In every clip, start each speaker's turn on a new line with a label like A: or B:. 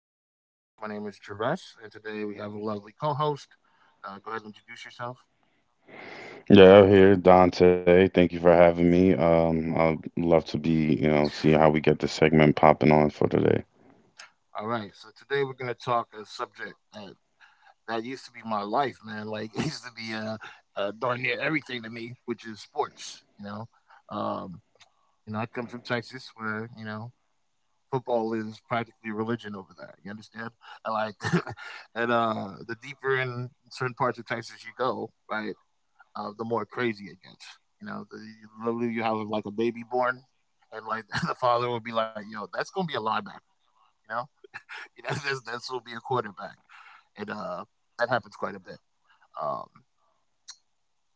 A: my podcast. My name is Travis, and today we have a lovely co host. Go ahead and introduce yourself.
B: Yeah, I'm here, Dante. Thank you for having me. I'd love to be, see how we get the segment popping on for today.
A: All right, so today we're going to talk a subject that used to be my life, man. Like, it used to be darn near everything to me, which is sports, you know. Um, you know, I come from Texas where, you know, football is practically religion over there. You understand? And like, and the deeper in certain parts of Texas you go, right? The more crazy it gets. You know, you have like a baby born, and like the father will be like, "Yo, that's gonna be a linebacker." You know, you know this will be a quarterback, and that happens quite a bit. Um,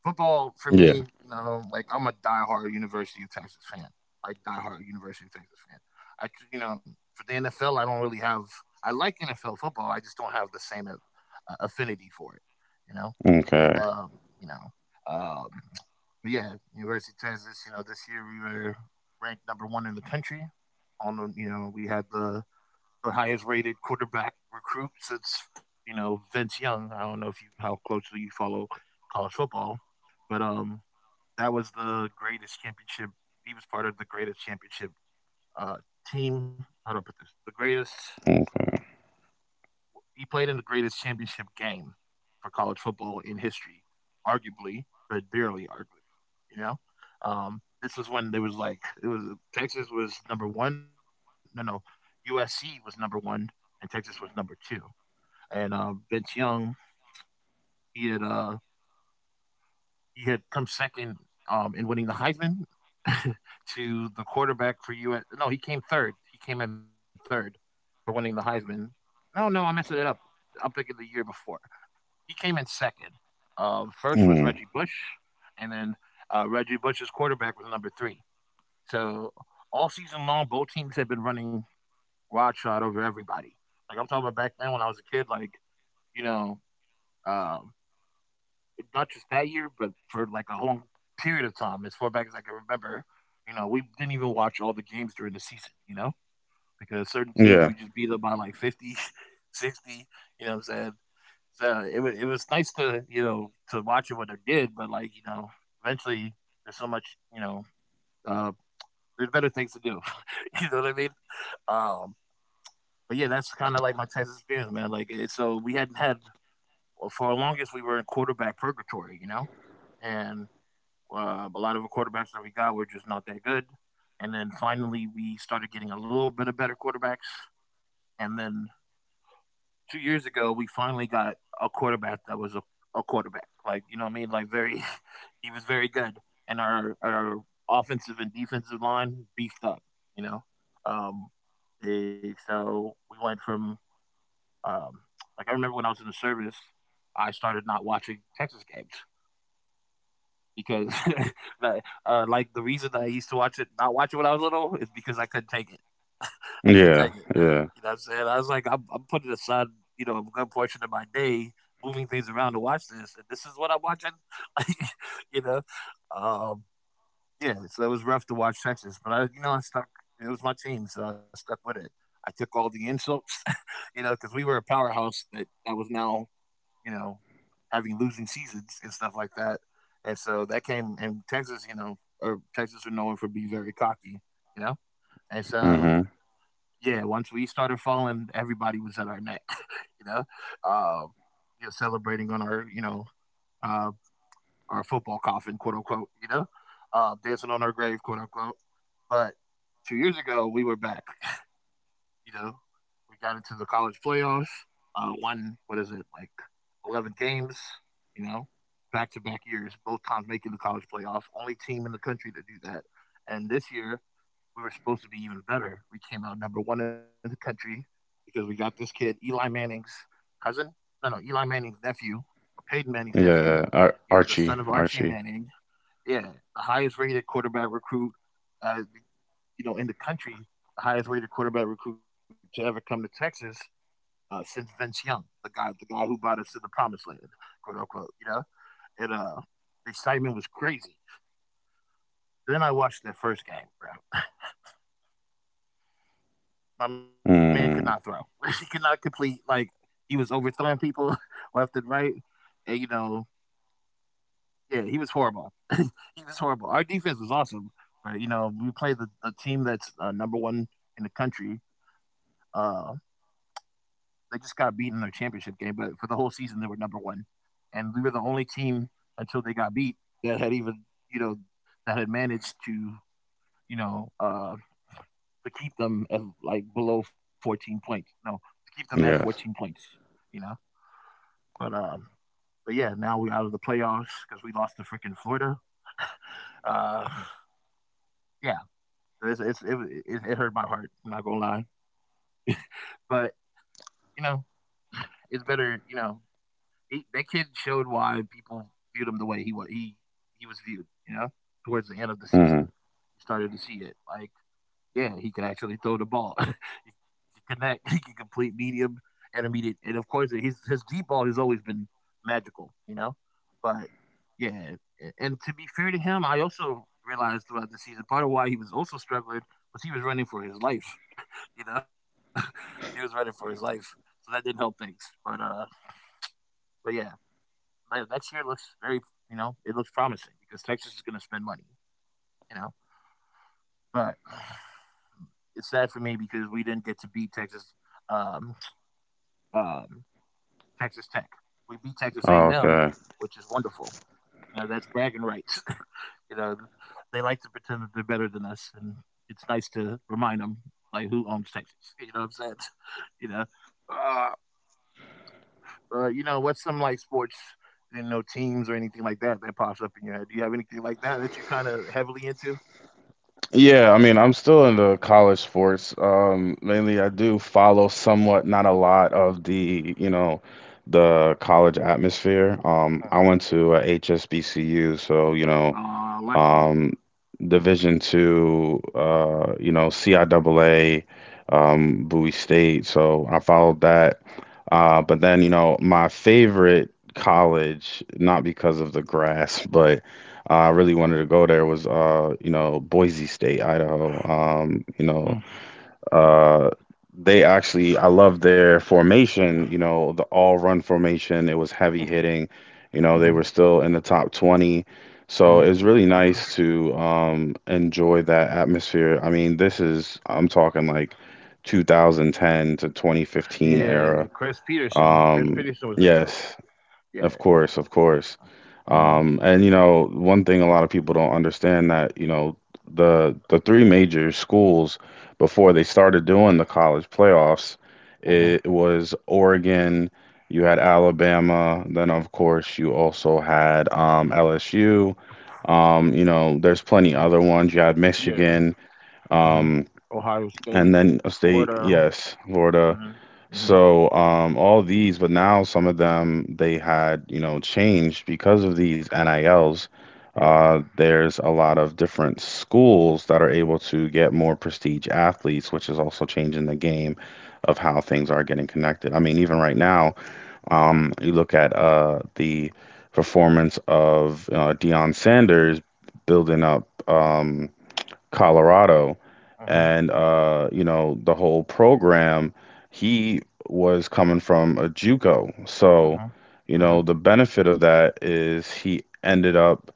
A: football for
B: Yeah.
A: me, you know, like I'm a diehard University of Texas fan, like diehard University of Texas fan. I, you know, for the NFL, I don't really have. I like NFL football. I just don't have the same affinity for it. You know, like
B: Okay.
A: you know, yeah, University of Kansas. You know, this year we were ranked number one in the country. On the, you know, we had the highest rated quarterback recruit since you know Vince Young. I don't know if you how closely you follow college football, but that was the greatest championship. He was part of the greatest championship uh team. How do I put this? The greatest
B: Okay.
A: he played in the greatest championship game for college football in history, arguably, but barely arguably. You know, this was when there was like it was Texas was number one. No, no, USC was number one, and Texas was number two. And Vince Young, he had uh, he had come second in winning the Heisman to the quarterback for US. No, he came third. He came in third for winning the Heisman. No, no, I messed it up. I'm thinking the year before. He came in second. First was
B: Mm.
A: Reggie Bush, and then Reggie Bush's quarterback was number three. So all season long, both teams had been running wild shot over everybody. Like I'm talking about back then when I was a kid, like you know, um, not just that year, but for like a long period of time, as far back as I can remember, you know, we didn't even watch all the games during the season, you know, because certain teams we
B: Yeah.
A: just beat up by like 50, 60. You know what I'm saying? So it was nice to you know to watch what they did, but like you know, eventually there's so much you know uh, there's better things to do. You know what I mean? Um, but yeah, that's kind of like my Texas experience, man. So we hadn't had well, for our longest we were in quarterback purgatory, you know, and a lot of the quarterbacks that we got were just not that good. And then finally we started getting a little bit of better quarterbacks, and then 2 years ago, we finally got a quarterback that was a quarterback. Like, you know what I mean? Like, very, he was very good. And our offensive and defensive line beefed up, you know? Um, so we went from, um, like, I remember when I was in the service, I started not watching Texas games because, like, the reason that I used to watch it, not watch it when I was little, is because I couldn't take it. I can not take it.
B: Yeah.
A: You
B: Yeah.
A: know what I'm saying? I was like, I'm putting aside, you know, a good portion of my day moving things around to watch this, and this is what I'm watching. you know, um, yeah. So it was rough to watch Texas, but I, you know, I stuck. It was my team, so I stuck with it. I took all the insults, you know, because we were a powerhouse that was now, you know, having losing seasons and stuff like that, and so that came. And Texas, you know, or Texas are known for being very cocky, you know, and so
B: Mm-hmm.
A: yeah, once we started falling, everybody was at our neck, you know. Um, you know, celebrating on our, you know, uh, our football coffin, quote unquote, you know, dancing on our grave, quote unquote. But 2 years ago, we were back, you know, we got into the college playoffs, won, what is it, like 11 games, you know, back to back years, both times making the college playoff, only team in the country to do that. And this year, we were supposed to be even better. We came out number one in the country because we got this kid, Eli Manning's cousin. No, no, Eli Manning's nephew, Peyton Manning's nephew.
B: Yeah. Ar
A: You know, the
B: Archie.
A: son of Archie
B: Archie.
A: Manning. Yeah, the highest rated quarterback recruit, uh, you know, in the country, the highest rated quarterback recruit to ever come to Texas since Vince Young, the guy who brought us to the promised land, quote unquote. You know, and the excitement was crazy. Then I watched that first game, bro. My man could not throw.
B: Mm.
A: He could not complete. Like he was overthrowing people left and right, and you know, yeah, he was horrible. He was horrible. Our defense was awesome, but you know, we played the team that's number one in the country. Uh, they just got beaten in their championship game, but for the whole season they were number one, and we were the only team until they got beat that had even you know that had managed to you know to keep them at like below 14 points. No, to keep them at 14
B: Yes.
A: points, you know? But, but yeah, now we're out of the playoffs because we lost to freaking Florida. Uh, yeah, it's, it's, it, it hurt my heart. I'm not gonna lie, but you know, it's better. You know, he, that kid showed why people viewed him the way he was. He was viewed. You know, towards the end of the season,
B: Mm.
A: you started to see it. Like yeah, he can actually throw the ball. He can connect. He can complete medium and immediate. And of course, his deep ball has always been magical, you know. But yeah, and to be fair to him, I also realized throughout the season part of why he was also struggling was he was running for his life. You know, he was running for his life, so that didn't help things. But but yeah, man, next year looks very, you know, it looks promising because Texas is going to spend money, you know. But it's sad for me because we didn't get to beat Texas. Um, um, Texas Tech. We beat Texas A&M,
B: Okay.
A: which is wonderful. You know, that's bragging rights. You know, they like to pretend that they're better than us, and it's nice to remind them like who owns Texas. You know what I'm saying? you know, uh, you know what's some like sports, you know, teams or anything like that that pops up in your head? Do you have anything like that that you're kind of heavily into?
B: Yeah, I mean, I'm still in the college sports. Mainly I do follow somewhat, not a lot of the college atmosphere. I
A: Uh-huh.
B: went to a HSBCU, so
A: Lucky.
B: um, Division two, CIAA, Bowie State. So I followed that. But then, my favorite college, not because of the grass, but I really wanted to go there was, Boise State, Idaho.
A: Mm-hmm.
B: Uh, they actually, I love their formation, the all run formation. It was heavy hitting. They
A: Mm-hmm.
B: were still in the top 20. So
A: Mm-hmm.
B: it was really nice to enjoy that atmosphere. I mean, this is, I'm talking like 2010 to 2015
A: Yeah,
B: era.
A: Chris Peterson. Chris
B: Um,
A: Peterson was their coach.
B: yes.
A: Yeah.
B: Of course, of course.
A: Mm-hmm.
B: And one thing a lot of people don't understand that, the three major schools before they started doing the college playoffs,
A: Mhm.
B: it was Oregon, you had Alabama, then of course you also had LSU. There's plenty other ones. You had
A: Yeah.
B: Michigan,
A: Mhm.
B: um,
A: Ohio
B: and
A: State,
B: then a state,
A: Florida.
B: yes, Florida.
A: Mhm. Mhm.
B: So, all these, but now some of them they had, changed because of these NILs.
A: Yep.
B: There's a lot of different schools that are able to get more prestige athletes, which is also changing the game of how things are getting connected. I mean, even right now, you look at the performance of Deion Sanders building up. Colorado,
A: Mhm.
B: and the whole program. He was coming from a JUCO, so
A: Mhm. Mhm.
B: the benefit of that is he ended up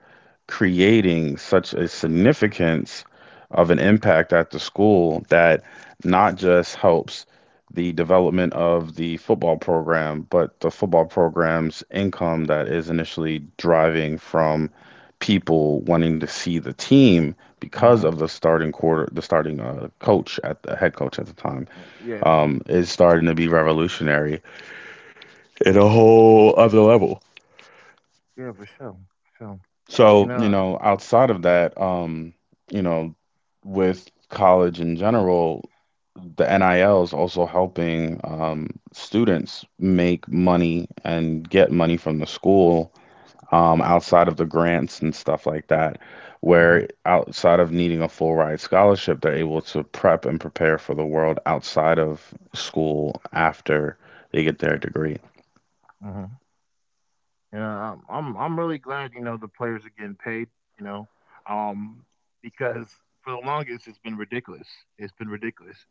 B: creating such a significance of an impact at the school that not just helps the development of the football program, but the football program's income that is initially driving from people wanting to see the team because
A: Mhm.
B: of the starting quarter, the starting coach at the head coach at the time,
A: Yeah.
B: is starting to be revolutionary. Cool.
A: Yeah, for sure. So, you
B: So,
A: know.
B: outside of that, you know, with college in general, the NIL is also helping students make money and get money from the school outside of the grants and stuff like that, where
A: Mhm.
B: outside of needing a full ride scholarship, they're able to prep and prepare for the world outside of school after they get their degree.
A: Mhm. Yeah, I'm really glad you know the players are getting paid. You know, um, because for the longest it's been ridiculous. It's been ridiculous.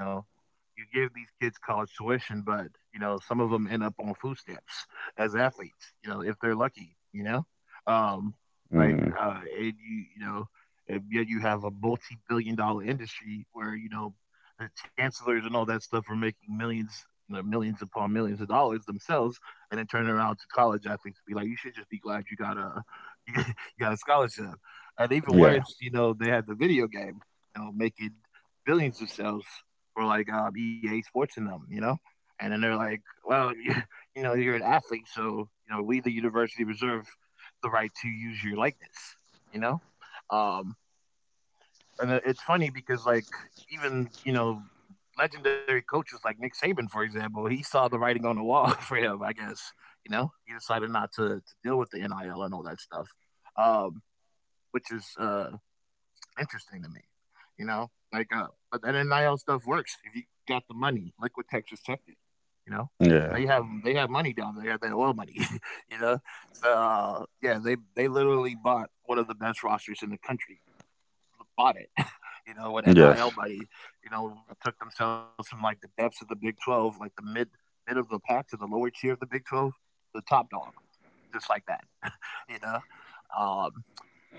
A: You know, you give these kids college tuition, but you know some of them end up on food stamps as athletes. You know, if they're lucky. You know, um, like
B: Hmm.
A: and you know, and yet you have a multi-billion-dollar industry where you know the chancellors and all that stuff are making millions, you know, millions upon millions of dollars themselves and then turn around to college athletes and be like, you should just be glad you got a you got a scholarship. And even
B: Yeah.
A: worse, you know, they had the video game, you know, making billions of sales for like EA Sports and them, you know. And then they're like, well, you know, you're an athlete, so you know, we the university reserve the right to use your likeness, you know. Um, and it's funny because, like, even you know, legendary coaches like Nick Saban, for example, he saw the writing on the wall for him. I guess you know he decided not to deal with the NIL and all that stuff, um, which is interesting to me. You know, like, but that NIL stuff works if you got the money. Like what Texas Tech did, you know. They
B: Yeah.
A: have they have money down there. They have their oil money, you know. So yeah, they literally bought one of the best rosters in the country. Bought it, with
B: Yes.
A: NIL money, you know, took themselves from like the depths of the Big 12, like the mid of the pack to the lower tier of the Big 12, the top dog, just like that. You know, um,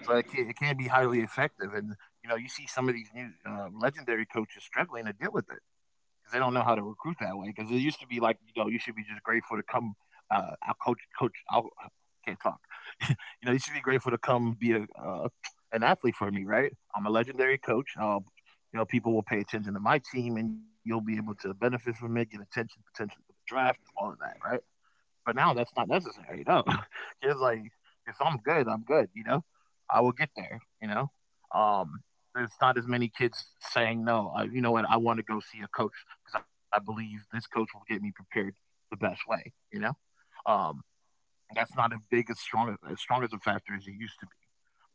A: so it can be highly effective. And, you know, you see some of these new legendary coaches struggling to deal with it because they don't know how to recruit that way. Because it used to be like, you know, you should be just grateful to come, I'll coach, coach, I'll, I can't talk. You know, you should be grateful to come be an athlete for me, right? I'm a legendary coach. You know, people will pay attention to my team and you'll be able to benefit from it, get attention, potential for the draft, all of that, right? But now that's not necessary, no. Kids like, if I'm good, I'm good, you know? I will get there, you know? Um, there's not as many kids saying, no, you know what, I want to go see a coach because I believe this coach will get me prepared the best way, you know? Um, that's not as big, as strong as a factor as it used to be.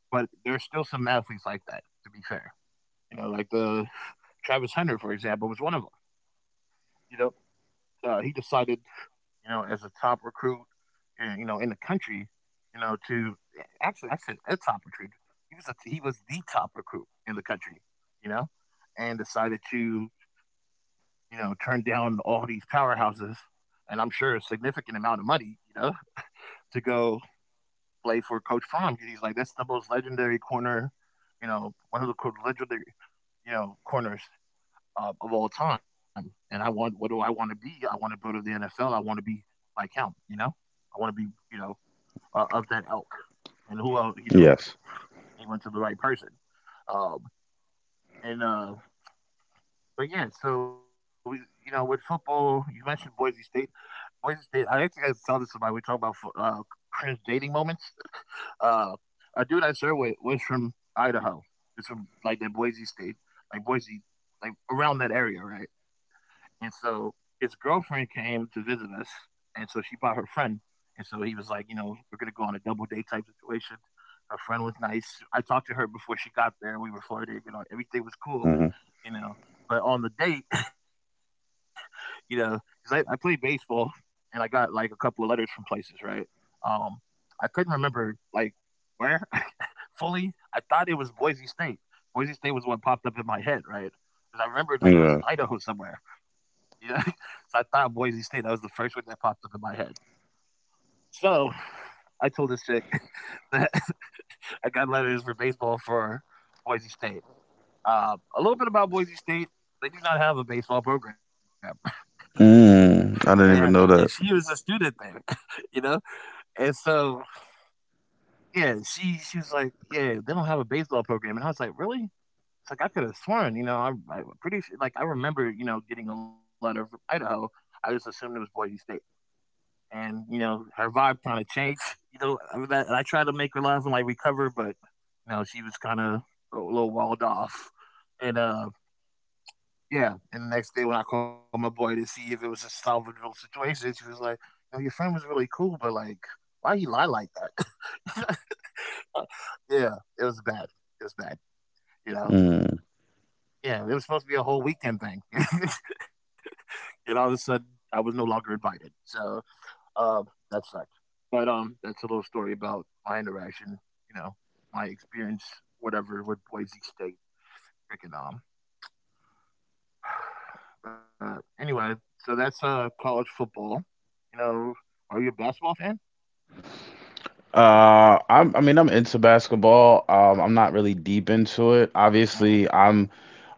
A: But there's still some athletes like that, to be fair. You know, like the Travis Hunter, for example, was one of them. You know, he decided, you know, as a top recruit you know, in the country, actually, I said a top recruit. He was the top recruit in the country, you know, and decided to you know turn down all these powerhouses, and I'm sure a significant amount of money, you know, to go play for Coach Fromm. He's like that's the most legendary corner, you know, one of the legendary you know corners of all time. And I want what do I want to be? I want to go to the NFL. I want to be like him, you know. I want to be you know of that elk. And who else, you know,
B: Yes.
A: he went to the right person. Um, and but yeah, so we, you know, with football, you mentioned Boise State. Boise State. I saw this about we talking about cringe dating moments. Uh, a dude I served with was from Idaho. It's from like that Boise State, like Boise, like around that area, right? And so his girlfriend came to visit us, and so she brought her friend. And so he was like, you know, we're gonna go on a double date type situation. Her friend was nice. I talked to her before she got there. We were flirting, you know, everything was cool,
B: Hmm.
A: you know. But on the date, you know, because I played baseball and I got like a couple of letters from places, right? Um, I couldn't remember like where fully. I thought it was Boise State. Boise State was what popped up in my head, right? Because I remembered
B: Yeah.
A: like it was in Idaho somewhere. You know, so I thought Boise State. That was the first one that popped up in my head. So I told this chick that I got letters for baseball for Boise State. A little bit about Boise State. They do not have a baseball program.
B: Mm.
A: And
B: I didn't
A: and
B: even know
A: she was a student there, you know? And so, yeah, she was like, "Yeah, they don't have a baseball program." And I was like, "Really?" It's like I could have sworn, you know, I'm pretty sure, like I remember, you know, getting a letter from Idaho. I just assumed it was Boise State. And, you know, her vibe kind of changed, you know, over that. And I tried to make her laugh and like recover, but, you know, she was kind of a little walled off. And, uh, Yeah, and the next day when I called my boy to see if it was a salvageable situation, she was like, "No, your friend was really cool, but like, why you lie like that?" Yeah, it was bad. It was bad. You know.
B: that.
A: Yeah, it was supposed to be a whole weekend thing, and all of a sudden I was no longer invited. So um, that sucked. But that's a little story about my interaction. You know, my experience, whatever, with Boise State freaking But anyway, so that's college football. You know, are you a basketball fan?
B: I mean, I'm into basketball. I'm not really deep into it. Obviously,
A: Uh huh.
B: I'm,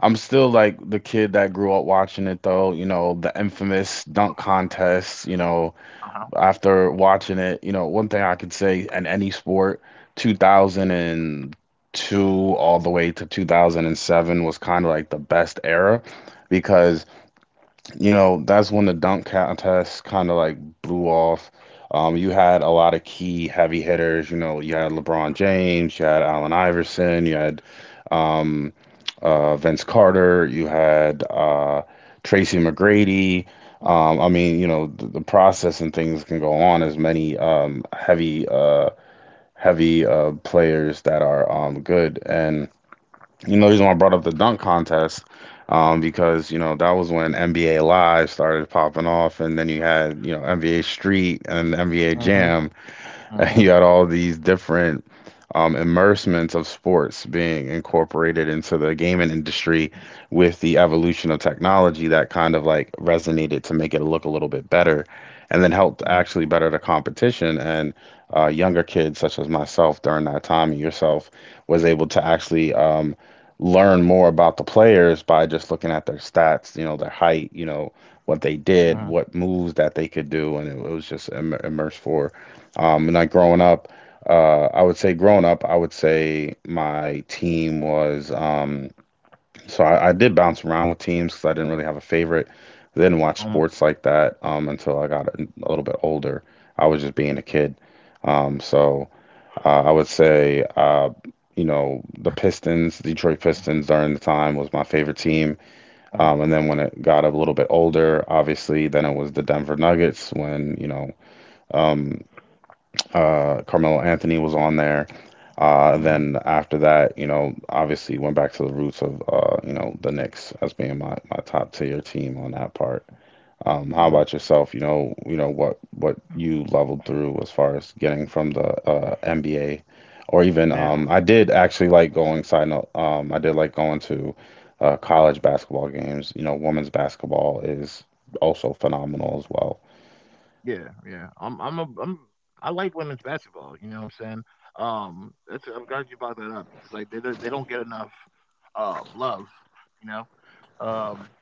B: I'm still like the kid that grew up watching it though. The infamous dunk contest. You know,
A: Uh huh.
B: after watching it, one thing I could say in any sport, 2002 all the way to 2007 was kind of like the best era because that's when the dunk contest kind of like blew off. You had a lot of key heavy hitters. You had LeBron James, you had Allen Iverson, you had um, Vince Carter, you had Tracy McGrady. I mean, the process and things can go on as many heavy players that are good, and the reason why I brought up the dunk contest, because that was when NBA Live started popping off, and then you had NBA Street and NBA
A: Uh huh.
B: Jam,
A: Uh
B: you had all these different immersements of sports being incorporated into the gaming industry with the evolution of technology that kind of like resonated to make it look a little bit better and then helped
A: huh.
B: actually better the competition, and younger kids such as myself during that time and yourself was able to actually learn more about the players by just looking at their stats, their height, what they
A: Uh huh.
B: did, what moves that they could do, and it was just immersed for and I growing up, I would say growing up, I would say my team was so I did bounce around with teams because I didn't really have a favorite. I didn't watch
A: Um.
B: sports like that until I got a little bit older. I was just being a kid. So I would say, the Pistons, Detroit
A: Uh
B: Pistons during the time was my favorite team. And
A: huh.
B: then when it got a little bit older, obviously, then it was the Denver Nuggets when, um, Carmelo Anthony was on there.
A: Uh huh.
B: Then after that, obviously went back to the roots of, the Knicks as being my top tier team on that part. Um,
A: Uh
B: how about yourself? What you leveled through as far as getting from the NBA, or even
A: Man,
B: I did actually like going. Side note, I did like going to college basketball games. Women's basketball is also phenomenal as well.
A: yeah, yeah. I'm. I'm a. I'm. I like women's basketball. You know what I'm saying? That's. I'm glad you brought that up because like they don't get enough love. You know. Um.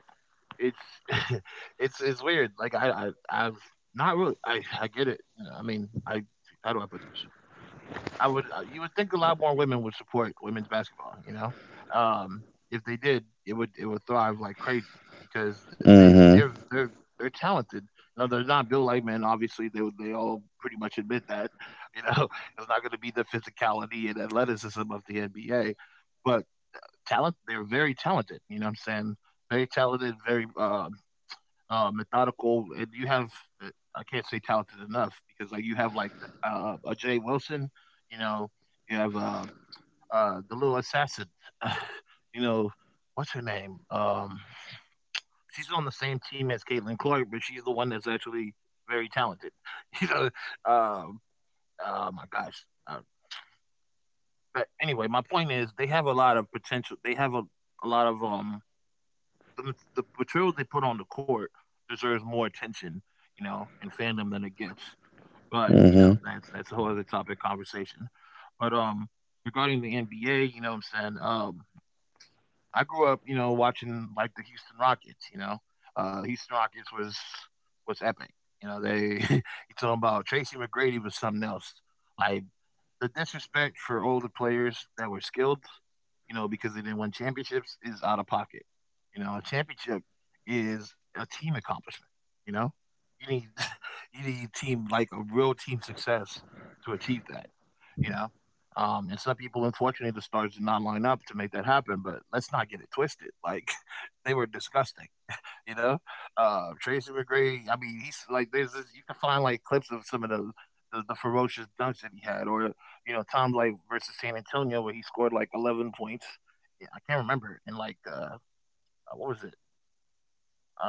A: It's it's weird. Like I am not really I get it. You know, I mean, I how do I put this? I would you would think a lot more women would support women's basketball, you know? Um if they did, it would thrive like crazy because they
B: Mm-hmm.
A: they're they're they're talented. You know, they're not built like men. Obviously, they all pretty much admit that. You know, it's not going to be the physicality and athleticism of the NBA, but talent. They're very talented. You know what I'm saying? Very talented, very methodical, and you have uh, I can't say talented enough because like you have like a Jay Wilson, you know, you have the little assassin, you know, what's her name? She's on the same team as Caitlin Clark, but she's the one that's actually very talented. You know, um, oh my gosh. But anyway, my point is they have a lot of potential. A lot of the material they put on the court deserves more attention, you know, and fandom than it gets. But you know,
B: Mm-hmm.
A: that's a whole other topic conversation. But regarding the NBA, saying, um, I grew up, you know, watching like the Houston Rockets. You know, Houston Rockets was epic. You know, they you talking about Tracy McGrady was something else. Like the disrespect for older players that were skilled, you know, because they didn't win championships is out of pocket. You know, a championship is a team accomplishment, you know? You need you need team like a real team success to achieve that, you know? And some people, unfortunately, the stars did not line up to make that happen. But let's not get it twisted. Like they were disgusting. You know, Tracy McGrady. I mean, he's like there's this, you can find like clips of some of the, the ferocious dunks that he had, or you know Tom Light versus San Antonio where he scored like 11 points. Yeah, I can't remember. And like what was it?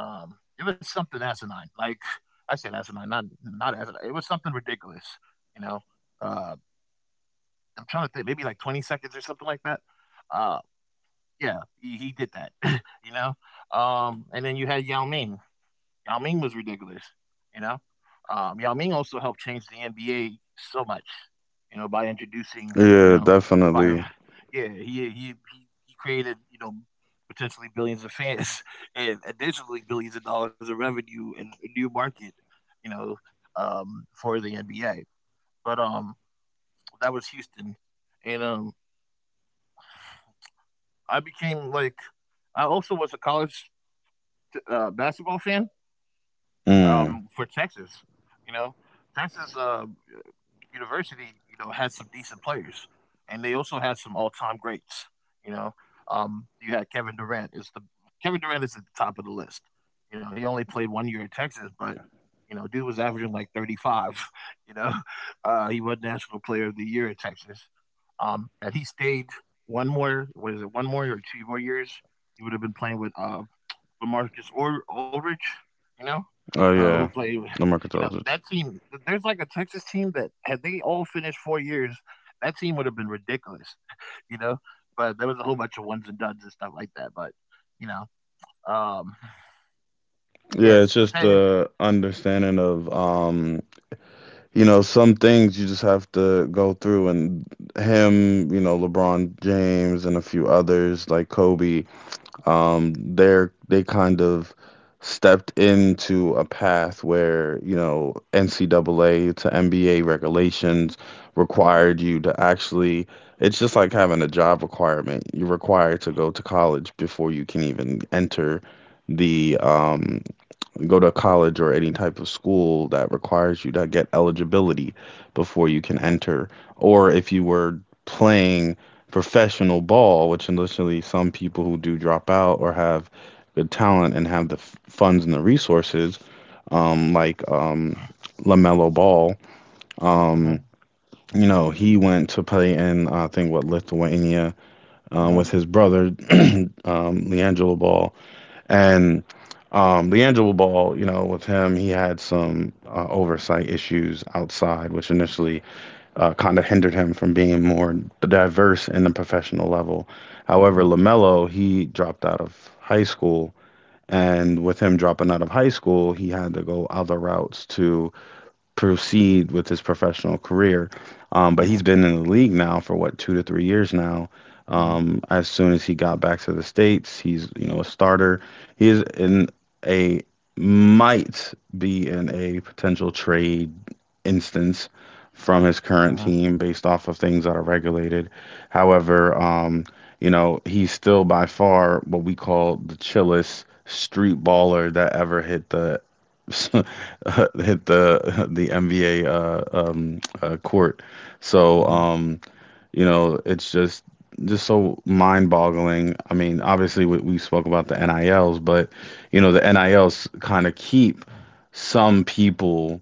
A: It was something asinine. Like I said, asinine, not asinine. It was something ridiculous. You know, uh, I'm trying to think, maybe like 20 seconds or something like that. Uh, Yeah, he did that, you know? And then you had Yao Ming. Yao Ming was ridiculous, you know? Yao Ming also helped change the NBA so much, you know, by introducing, you
B: Yeah,
A: know, by
B: definitely.
A: yeah, he created, you know, potentially billions of fans and additionally billions of dollars of revenue and a new market, you know, for the NBA. But that was Houston, and I became like I also was a college basketball fan
B: Mm.
A: for Texas. You know, Texas University, you know, has some decent players, and they also had some all-time greats. You know, you had Kevin Durant is at the top of the list. You know, he only played one year in Texas, but you know, dude was averaging like 35. You know, he was National Player of the Year at Texas, and he stayed one more. What is it? One more or two more years? He would have been playing with LaMarcus Or Aldridge, you know,
B: Oh
A: who
B: yeah,
A: played.
B: the
A: You know
B: Mercatology.
A: that team. There's like a Texas team that had they all finished 4 years, that team would have been ridiculous. You know, but there was a whole bunch of ones and duds and stuff like that. But you know, um, yeah.
B: Yeah,
A: So
B: it's
A: tell
B: just
A: you.
B: the understanding of some things you just have to go through, and him, LeBron James and a few others like Kobe, they kind of stepped into a path where NCAA to NBA regulations
A: Uh-huh,
B: required you to actually. It's just like having a job requirement. You're required to go to college before you can even enter the go to college or any type of school that requires you to get eligibility before you can
A: uh-huh,
B: enter. Or if you were playing professional ball, which initially some people who do drop out or have good talent and have the funds and the resources, like LaMelo Ball,
A: uh-huh,
B: um, he went to play in, I think, what, Lithuania,
A: uh-huh,
B: with his brother, Leangelo Ball, and LiAngelo Ball, with him, he had some oversight issues outside, which initially kind of hindered him from being more diverse in the professional level. However,
A: uh-huh,
B: LaMelo, he dropped out of high school. And with him dropping out of high school, he had to go other routes to proceed with his professional career. Um,
A: uh-huh,
B: but he's been in the league now for what, 2 to 3 years now.
A: uh-huh,
B: As soon as he got back to the states, he's a starter. He is in a, might be in a potential trade instance from his
A: uh-huh,
B: current team based off of things that are regulated. However, he's still by far what we call the chillest street baller that ever hit the hit the the NBA court. So
A: uh-huh.
B: it's just so mind-boggling. I mean, obviously we spoke about the NILs, but the NILs kind of keep some people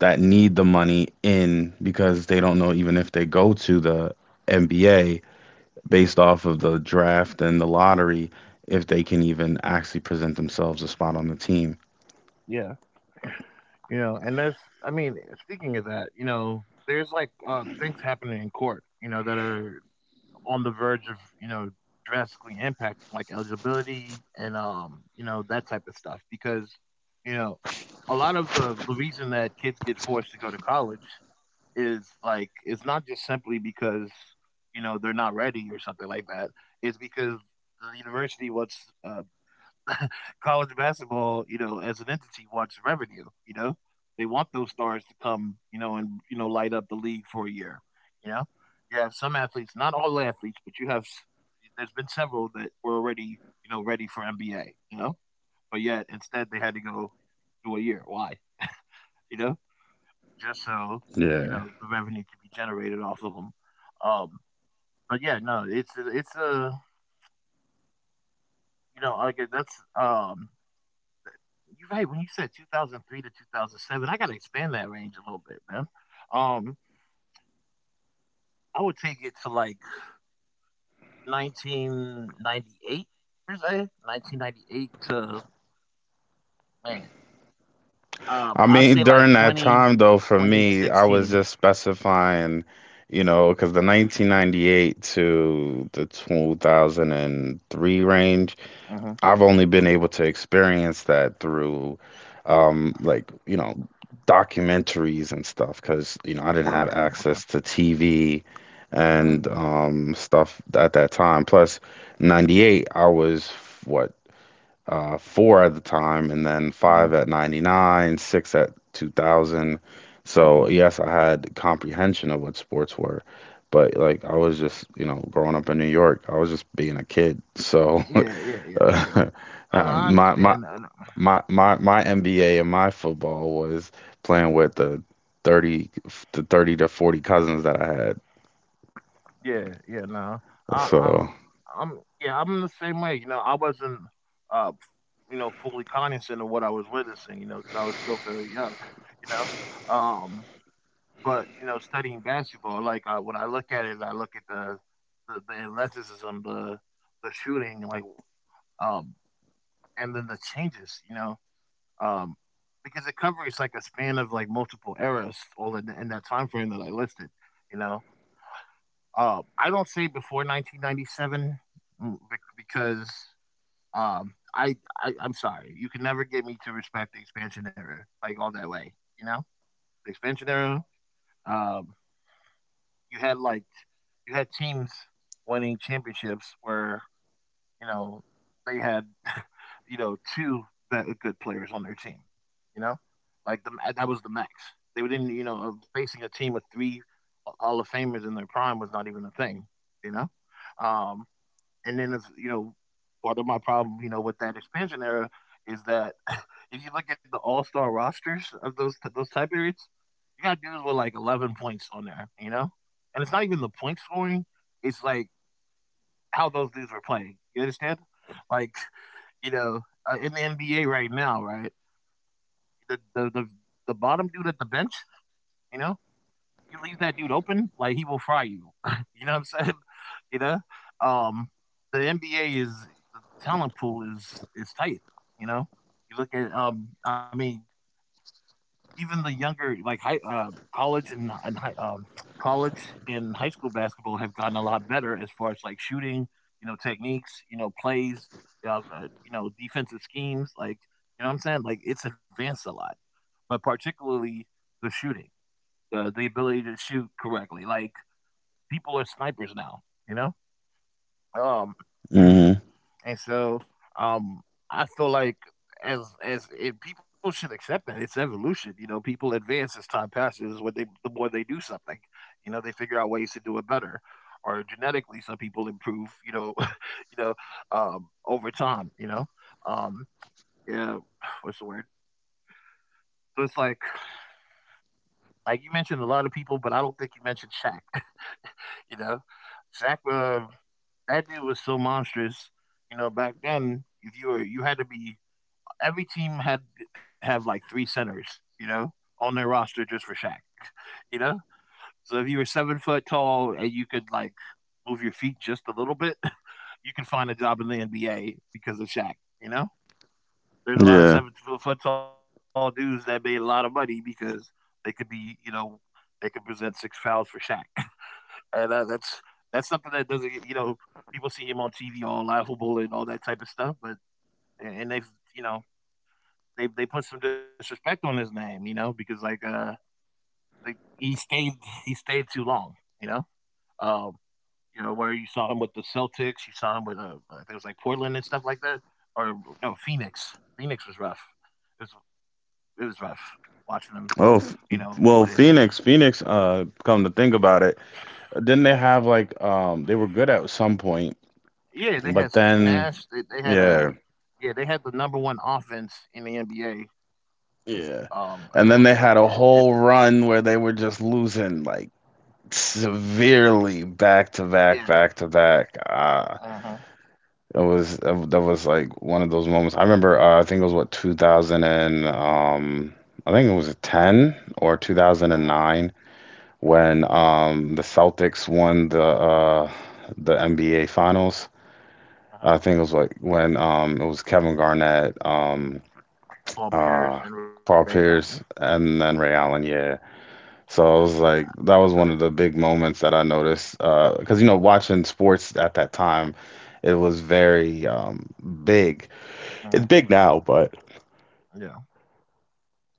B: that need the money in because they don't know even if they go to the NBA based off of the draft and the lottery if they can even actually present themselves a spot on the team.
A: Yeah, and there's. I mean, speaking of that, there's like things happening in court. That are on the verge of, drastically impacting like eligibility and that type of stuff because, you know, a lot of the reason that kids get forced to go to college is like it's not just simply because, they're not ready or something like that. It's because the university wants college basketball, as an entity wants revenue. They want those stars to come, and light up the league for a year. You know? You have some athletes, not all athletes, but you have there's been several that were already, ready for NBA, you know? But yet instead they had to go do a year. Why? You know? Just so,
B: Yeah,
A: the revenue could be generated off of them. Um but yeah, no, it's a, like that's You're right. When you said 2003 to 2007, I got to expand that range a little bit, man. Um, I would take it to like 1998 per se, 1998 to man.
B: I
A: I would
B: mean,
A: say like
B: during that
A: twenty
B: time, though, for
A: twenty
B: me, I was
A: sixteen.
B: just specifying, because the 1998 to the 2003 range,
A: 2016.
B: I've only been able to experience that through, like, documentaries and stuff, because, I
A: Mhm.
B: didn't
A: Okay.
B: have
A: Okay.
B: access to TV
A: Mhm.
B: and stuff at that time. Plus, 98, I was, what, four at the time, and then five
A: Mhm.
B: at 99, six at 2000. So,
A: Mhm.
B: yes, I had comprehension of what sports were, but like I was just, growing up in New York, I was just being a kid. So,
A: Yeah. Yeah. Yeah.
B: uh,
A: Yeah. No, no, I
B: my, my,
A: understand that.
B: my NBA and my football was playing with the 30 to 30 to 40 cousins that I had.
A: Yeah, yeah, no. I,
B: So,
A: I'm, yeah, I'm the same way. I wasn't, uh, f- fully cognizant of what I was witnessing. Because I was still very young. You know, um, but studying basketball, like I, when I look at it, I look at the athleticism, the shooting, like, um, and then the changes. Um, because it covers like a span of like multiple eras all in that time frame that I listed. You know, I don't say before 1997, because I'm sorry, you can never get me to respect the expansion era like all that way. You know, the expansion era. Um, you had like you had teams winning championships where you know they had two good players on their team. You know, like the that was the max. They didn't facing a team with three Hall of Famers in their prime was not even a thing. You know. Um, and then if part of my problem, with that expansion era is that if you look at the all star rosters of those time periods, you got dudes with like 11 points on there, you know? And it's not even the point scoring, it's like how those dudes were playing. You understand? Like, you know, in the NBA right now, right? The the the, the bottom dude at the bench, you know, you leave that dude open, like he will fry you. You know what I'm saying? You know, um, the NBA is the talent pool is tight. You know, you look at I mean, even the younger like high college and high, college and high school basketball have gotten a lot better as far as like shooting, techniques, plays, defensive schemes. Like what I'm saying like it's advanced a lot, but particularly the shooting, the ability to shoot correctly, like people are snipers now, you know? Um
B: hmm,
A: and so um I feel like as and people should accept that it's evolution. People advance as time passes. What they The more they do something, they figure out ways to do it better, or genetically, some people improve. You know, over time. Um, yeah, what's the word? So it's like you mentioned a lot of people, but I don't think you mentioned Shaq. You know, Shaq. That dude was so monstrous. Back then, if you were, you had to be. Every team had have like three centers, on their roster just for Shaq. You know, so if you were 7 foot tall and you could like move your feet just a little bit, you can find a job in the NBA because of Shaq. You know, there's a lot
B: yeah.
A: of 7 foot tall dudes that made a lot of money because they could be, they could present six fouls for Shaq. And that's something that doesn't get- people see him on TV all laughable and all that type of stuff, but and they've you know they put some disrespect on his name, because like he stayed too long, you know. Um, you know where you saw him with the Celtics, you saw him with I think it was like Portland and stuff like that, or no, Phoenix. Phoenix was rough. It was rough watching him,
B: Oh,
A: play.
B: well, Phoenix, come to think about it. Didn't they have like they were good at some point,
A: Yeah, they had Steve
B: but
A: Nash.
B: then
A: They had a,
B: yeah,
A: yeah, they had the number one offense in the NBA. It
B: yeah.
A: was like at,
B: And then
A: at
B: they had a whole run where they were just losing like severely back to
A: yeah,
B: back, back to back.
A: uh
B: Uh
A: huh,
B: it was that was like one of those moments. I remember I think it was what 2000 and I think it was 10 or
A: uh huh,
B: 2009 when the Celtics won the NBA finals.
A: uh huh.
B: I think it was like when it was Kevin Garnett,
A: Paul
B: uh
A: Pierce and Ray
B: Paul
A: Allen.
B: Pierce, and then Ray Allen, yeah. So I was like that was one of the big moments that I noticed, because you know watching sports at that time it was very big.
A: Uh
B: It's
A: huh.
B: big now, but
A: Yeah.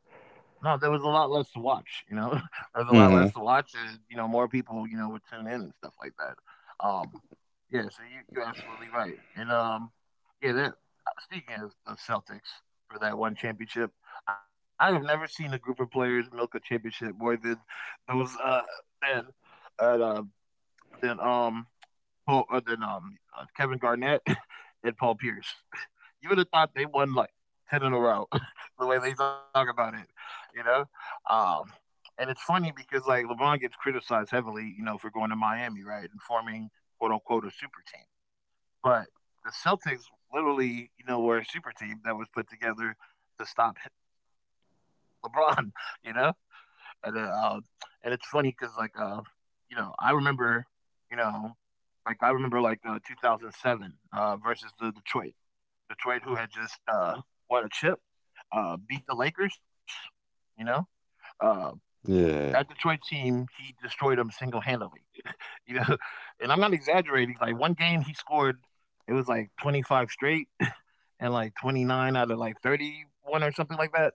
A: No, there was a lot less to watch, you know? There was a lot less to
B: hmm
A: watch and, more people, would tune in and stuff like that. Um, yeah, so you're absolutely right. And, yeah, speaking of, Celtics for that one championship, I have never seen a group of players milk a championship more than those, than, uh, than, Paul, Kevin Garnett and Paul Pierce you would have thought they won like 10 in a row, the way they talk about it, you know? Um, and it's funny because like LeBron gets criticized heavily, for going to Miami, right? And forming quote unquote a super team. But the Celtics literally, were a super team that was put together to stop LeBron, you know? And, uh, um, and it's funny because you know, I remember, you know, I remember like 2007 versus the Detroit, who had just won a chip, beat the Lakers. You know, uh, that
B: yeah.
A: Detroit team, he destroyed them single handedly. You know, and I'm not exaggerating. Like one game, he scored. It was like 25 straight and like 29 out of like 31 or something like that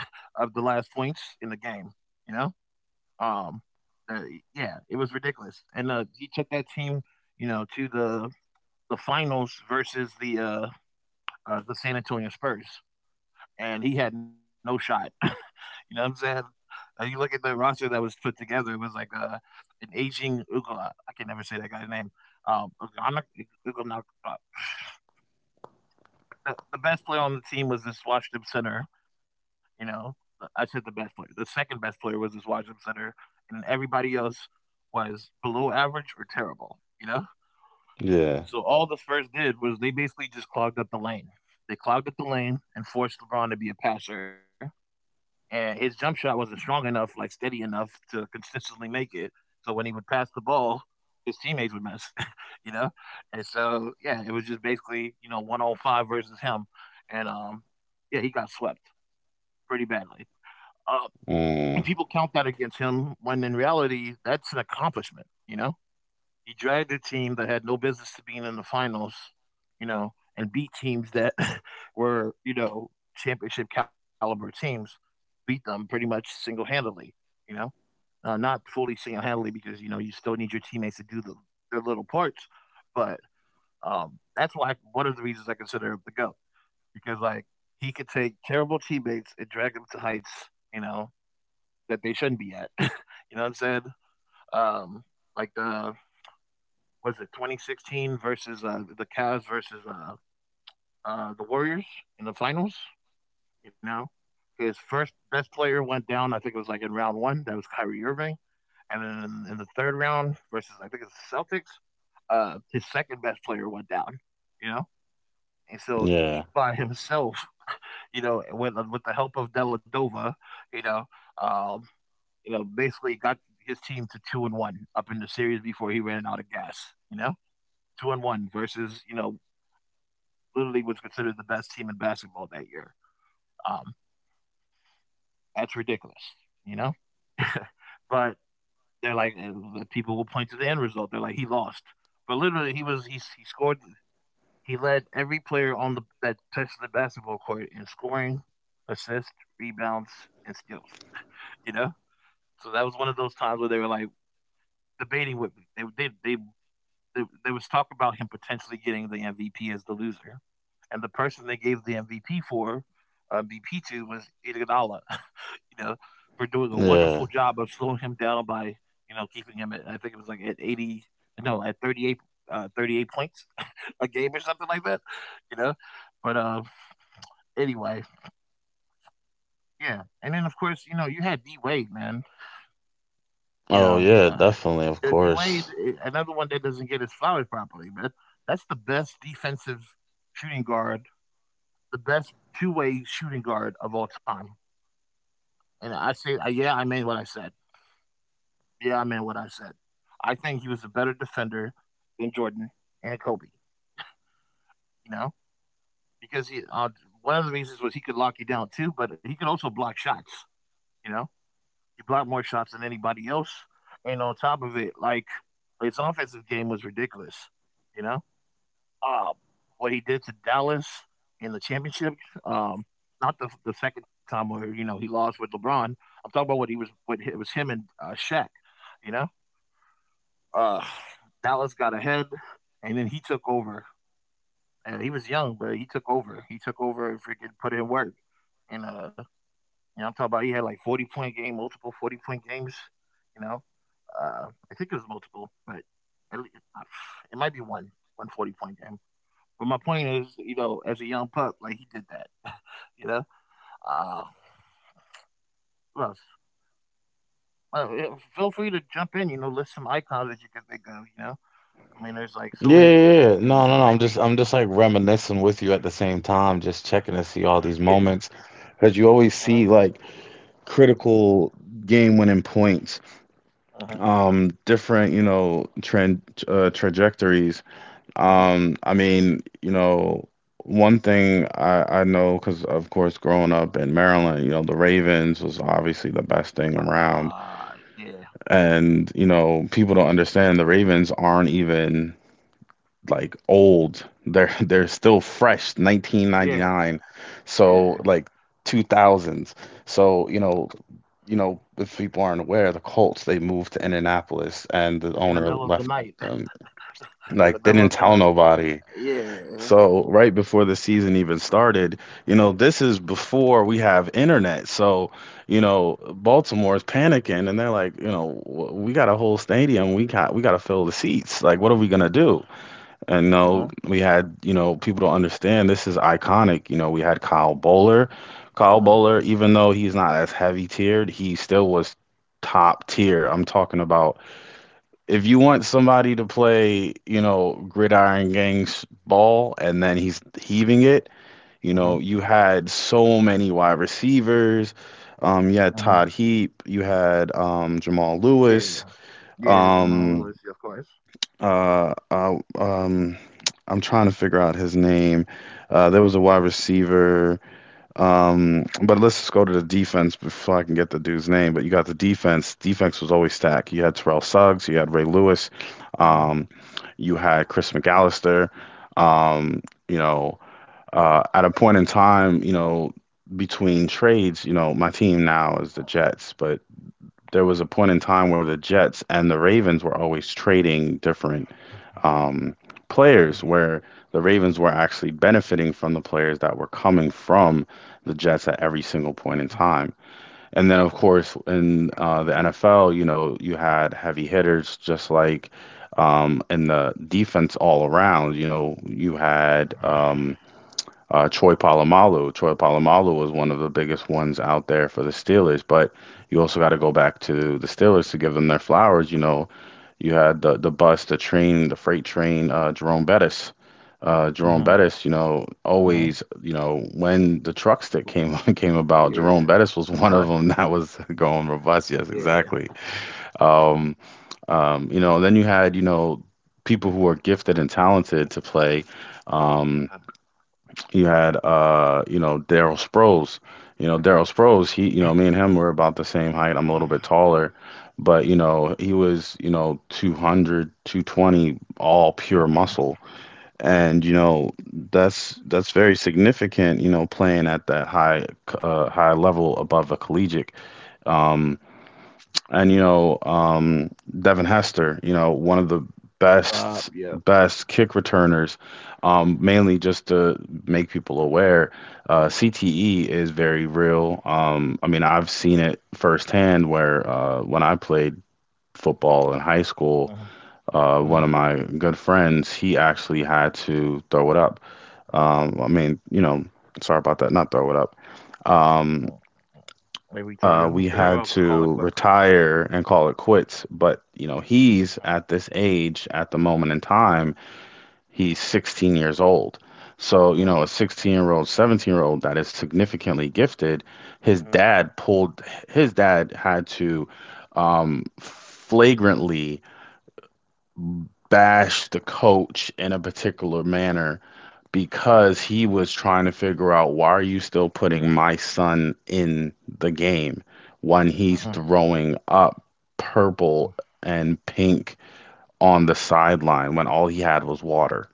A: of the last points in the game. You know, um, uh, yeah, it was ridiculous. And he took that team, to the finals versus the San Antonio Spurs. And he had no shot. You know what I'm saying? You look at the roster that was put together, it was like an aging Ugla. I can never say that guy's name. Um, Ugana, Ugana, the best player on the team was this Washington center. You know, I said the best player. The second best player was this Washington center, and everybody else was below average or terrible. You know,
B: Yeah.
A: so all the Spurs did was they basically just clogged up the lane. They clogged up the lane and forced LeBron to be a passer, and his jump shot wasn't strong enough, like steady enough to consistently make it. So when he would pass the ball, his teammates would miss. you know. And so yeah, it was just basically 105 versus him, and yeah, he got swept pretty badly. Uh, People
B: Mm.
A: count that against him when in reality that's an accomplishment. He dragged a team that had no business to being in the finals, and beat teams that were, championship caliber teams, beat them pretty much single handedly, you know, not fully single handedly because, you still need your teammates to do their little parts. But that's why one of the reasons I consider him the GOAT because, like, he could take terrible teammates and drag them to heights, that they shouldn't be at. You know what I'm saying? Um, like the was it 2016 versus the Cavs versus the Warriors in the finals? You know, his first best player went down. I think it was like in round one. That was Kyrie Irving, and then in the third round versus I think it's the Celtics, his second best player went down. You know, and so he
B: Yeah.
A: by himself, with the help of Deladova, you know, um, basically got his team to 2-1 up in the series before he ran out of gas. You know, 2-1 versus literally was considered the best team in basketball that year. Um, that's ridiculous, you know. But they're like, people will point to the end result. They're like he lost, but literally he was he scored. He led every player on the that touched the basketball court in scoring, assists, rebounds, and steals. You know, so that was one of those times where they were like debating with me. They There was talk about him potentially getting the MVP as the loser, and the person they gave the MVP for. BP to was Iguodala, you know, for doing a wonderful
B: Yeah.
A: job of slowing him down by, keeping him at I think it was like at 80, no, at 38 points a game or something like that, you know. But anyway, yeah. And then of course, you had D Wade, man. You
B: Oh
A: know,
B: yeah,
A: uh,
B: definitely, of
A: D Wade
B: course.
A: another one that doesn't get his flowers properly, man. That's the best defensive shooting guard, the best two-way shooting guard of all time. And I say, yeah, I mean what I said. Yeah, I meant what I said. I think he was a better defender than Jordan and Kobe. You know, because he one of the reasons was he could lock you down too, but he could also block shots. You know, he blocked more shots than anybody else. And on top of it, like his offensive game was ridiculous. You know, um, what he did to Dallas in the championship, um, not the second time where he lost with LeBron. I'm talking about what he was what it was him and Shaq. You know. Uh, Dallas got ahead, and then he took over. And he was young, but he took over. He took over and freaking put in work. And I'm talking about he had like 40 point game, multiple 40 point games. You know, I think it was multiple, but at least, it might be one forty point game. But my point is, as a young pup, like he did that. You know, uh, what else? Well, yeah, feel free to jump in. List some icons that you can think of. I mean, there's like so
B: Yeah,
A: many.
B: yeah,
A: There's
B: yeah.
A: like the
B: No, no, no. I'm just like reminiscing with you at the same time, just checking to see all
A: yeah,
B: these moments. Because
A: uh
B: you
A: huh,
B: always see like critical game winning points,
A: uh huh.
B: different, you know, trend trajectories.
A: Uh-huh.
B: I mean, you know, one thing I know because of course growing up in Maryland, you know, the Ravens was obviously the best thing around.
A: Yeah,
B: And, you know, people don't understand the Ravens aren't even like old. They're they're still fresh,
A: yeah,
B: 1999. So
A: yeah.
B: like 2000s. So, you know, if people aren't aware, the Colts they moved to Indianapolis and the
A: In the
B: owner
A: middle of the
B: left
A: night.
B: them.
A: In the
B: Like they
A: middle
B: didn't
A: of the
B: tell
A: night.
B: nobody.
A: Yeah. Yeah.
B: So, right before the season even started, you know, this is before we have internet. So, you know, Baltimore is panicking and they're like, you know, "W- we got a whole stadium. We got to fill the seats. Like, what are we gonna do? And
A: Uh-huh.
B: no, we had, you know, people don't understand this is iconic. You know, we had Kyle Bowler. Kyle
A: Uh-huh.
B: Bowler, even though he's not as heavy tiered, he still was top tier. I'm talking about if you want somebody to play, you know, gridiron gangs ball and then he's heaving it, you know,
A: Uh-huh.
B: you had so many wide receivers. You
A: Uh-huh.
B: had Todd Heap, you had Jamal
A: Yeah. Yeah.
B: Lewis.
A: Yeah, it's in my little
B: Um,
A: of course.
B: uh, I, um, I'm trying to figure out his name. There was a wide receiver. But let's just go to the defense before I can get the dude's name. But you got the defense. Defense was always stacked. You had Terrell Suggs. You had Ray Lewis.
A: Uh-huh.
B: Um, you had Chris McAllister. Um, you know, at a point in time, you know, between trades, you know, my team now is the Jets, but there was a point in time where the Jets and the Ravens were always trading different um, players where the Ravens were actually benefiting from the players that were coming from the Jets at every single point in time. And then, of course, in the NFL, you know, you had heavy hitters just like in the defense all around. You know, you had. Troy Polamalu. Troy Polamalu was one of the biggest ones out there for the Steelers, but you also got to go back to the Steelers to give them their flowers. You know, you had the bus, the train, the freight train, Jerome Bettis. Jerome
A: Uh-huh.
B: Bettis, you know,
A: Uh-huh.
B: always, you know, when the truck stick came came about, Jerome
A: Yeah. The
B: Bettis was
A: bus.
B: one of them that was going robust. Yes,
A: Yeah.
B: exactly. Um, you know, then you had, you know, people who are gifted and talented to play. Um, you had you know, Daryl Sproles. You know, Daryl Sproles, he, you know, me and him were about the same height. I'm a little bit taller, but you know, he was, you know, 200, 220, all pure muscle. And you know, that's very significant, you know, playing at that high level above a collegiate. Um, and you know Devin Hester, you know one of the
A: Yeah, yeah.
B: best best kick returners, mainly just to make people aware. CTE is very real. I mean, I've seen it firsthand where when I played football in high
A: Uh-huh.
B: school,
A: Uh-huh.
B: one of my good friends, he actually had to throw it up. I mean, you know, sorry about that, not throw it up. Um,
A: uh-huh. They retire.
B: we
A: I'll
B: had
A: call it quits.
B: to retire and call it quits. But, you know,
A: Uh-huh.
B: he's at this age, at the moment in time, he's 16 years old. So, you
A: Uh-huh.
B: know, a 16-year-old, 17-year-old that is significantly gifted, his
A: Uh-huh.
B: dad pulled, his dad had to flagrantly bash the coach in a particular manner because he was trying to figure out why are you still putting my son in the game when
A: Uh-huh.
B: he's throwing up
A: uh-huh,
B: purple and pink on the sideline when all he had was water.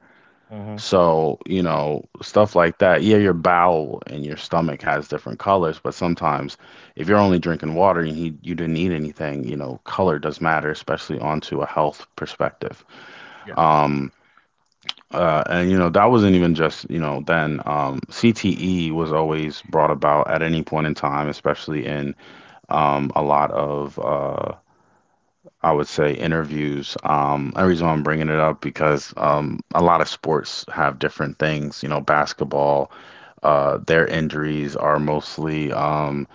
A: uh-huh.
B: So, you know, stuff like that. Yeah, your bowel and your stomach has different colors, but sometimes if you're only drinking water and you didn't eat anything, you know, color does matter, especially onto a health perspective.
A: Yeah.
B: Um, and you know that wasn't even just you know then. CTE was always brought about at any point in time, especially in a lot of I would say interviews. The reason why I'm bringing it up because a lot of sports have different things. You know, basketball, their injuries are mostly um,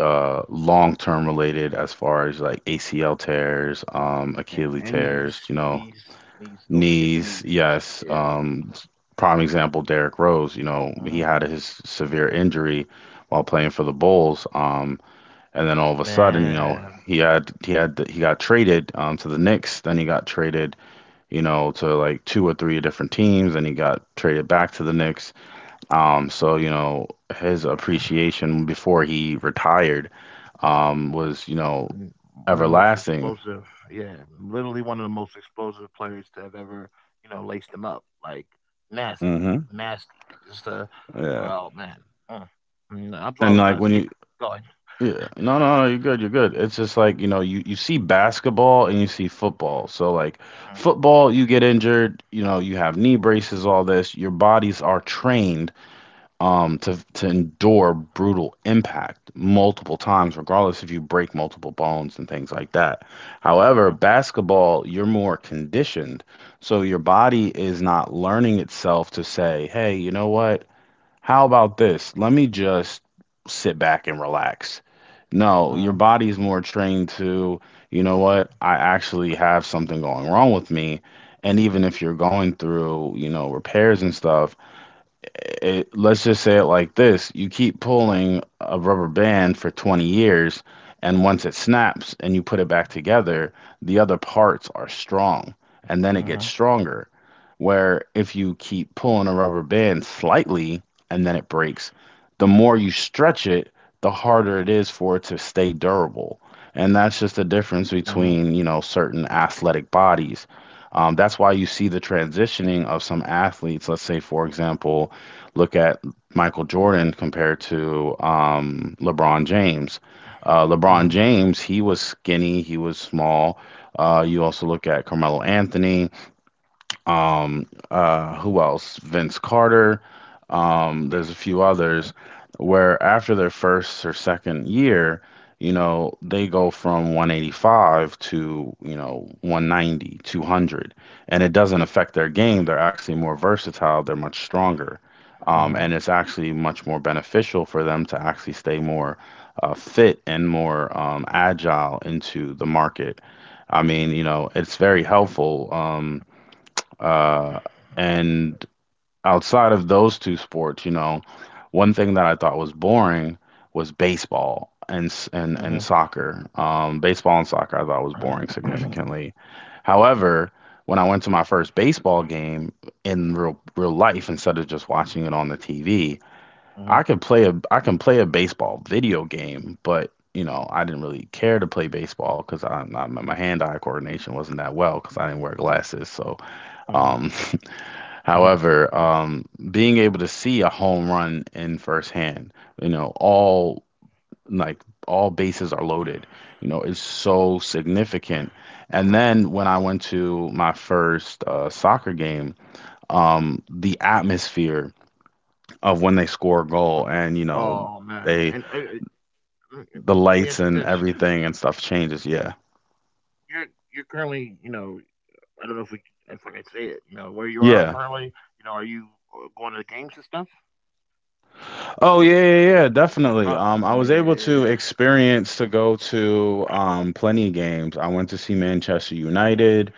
B: uh, long-term related as far as like ACL tears,
A: And,
B: Achilles
A: and knees.
B: tears. You know,
A: Knees. Knees. Don't forget the
B: knees,
A: knees.
B: yes.
A: Yeah.
B: Prime example, Derrick Rose. You know, he
A: Uh-huh.
B: had his severe injury while playing for the Bulls. And then all of a sudden, you know,
A: Man,
B: he got traded to the Knicks. Then he got traded, you know, to like two or three different teams. And he got traded back to the Knicks. So you know, his appreciation before he retired, was you know
A: mm, one of the most
B: everlasting.
A: explosive, yeah, literally one of the most explosive players to have ever, laced him up. Like nasty,
B: hmm
A: nasty. Just
B: Yeah.
A: oh man. Mm. I
B: And like when
A: apologize.
B: you
A: Keep going.
B: Yeah. No, no, no, you're good, you're good. It's just like, you know, you see basketball and you see football. So like
A: Uh-huh.
B: football, you get injured, you know, you have knee braces, all this. Your bodies are trained to endure brutal impact multiple
A: Uh-huh.
B: times, regardless if you break multiple bones and things like that. However,
A: Uh-huh.
B: basketball, you're more conditioned. So your body is not learning itself to say, "Hey, you know what? How about this? Let me just sit back and relax.
A: Uh-huh.
B: No, your body's more trained to, you know what? I actually have something going wrong with me. And even if you're going through, you know, repairs and stuff, it, let's just say it like this you keep pulling a rubber band for 20 years and once it snaps and you put it back together the other parts are strong and then it
A: Uh-huh.
B: gets stronger where if you keep pulling a rubber band slightly and then it breaks the more you stretch it the harder it is for it to stay durable and that's
A: Uh-huh.
B: just the difference between you know certain athletic bodies. That's why you see the transitioning of some athletes. Let's say, for example, look at Michael Jordan compared to LeBron James. LeBron James, he was skinny, he was small. You also look at Carmelo Anthony, who else, Vince Carter, there's a few others where after their first or second year you know they go from 185 to you know 190 200 and it doesn't affect their game, they're actually more versatile, they're much stronger.
A: Uh-huh.
B: And it's actually much more beneficial for them to actually stay more fit and more agile into the market. I mean, you know, it's very helpful. Uh, and outside of those two sports, you know, one thing that I thought was boring was baseball
A: Uh-huh.
B: and soccer. Baseball and soccer I thought was boring
A: Uh-huh.
B: significantly. However, when I went to my first baseball game in real real life instead of just watching it on the TV,
A: Uh-huh.
B: I could play a I can play a baseball video game, but you know, I didn't really care to play baseball because I my hand-eye coordination wasn't that well because I didn't wear glasses. So,
A: Uh-huh.
B: um,
A: Uh-huh.
B: however, being able to see a home run in firsthand, you know, all like all bases are loaded, you know, is so significant. And then when I went to my first soccer game, the atmosphere of when they score a goal and, you know,
A: Oh man.
B: they
A: Let
B: the
A: me ask you
B: lights
A: this.
B: and everything and stuff changes. Yeah.
A: You're you're currently, I don't know if we if I can say it. You know where you are
B: Yeah.
A: currently. Are you going to the games and stuff?
B: Oh yeah, yeah, yeah, definitely.
A: Oh
B: I was able to
A: man,
B: experience to go to plenty of games. I went to see
A: uh-huh,
B: Manchester United.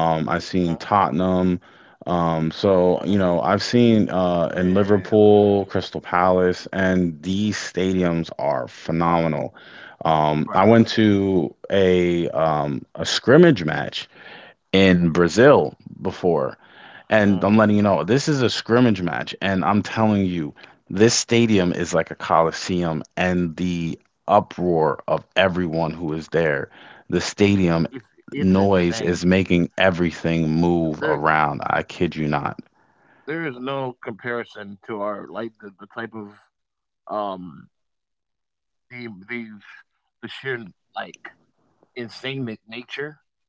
A: uh-huh,
B: I seen Tottenham.
A: uh-huh.
B: So you know, I've seen in
A: Man,
B: Liverpool, Crystal Palace, and these stadiums are
A: Uh,
B: phenomenal.
A: bro,
B: I went to a scrimmage match in Brazil before.
A: uh,
B: And I'm letting you know, this is a scrimmage match. And I'm telling you, this stadium is like a coliseum, and the uproar of everyone who is there, the
A: it's
B: stadium
A: it's
B: noise
A: insane.
B: is making everything move
A: There
B: around. I kid you not.
A: there is no comparison to our like the type of um the the the sheer like insane nature,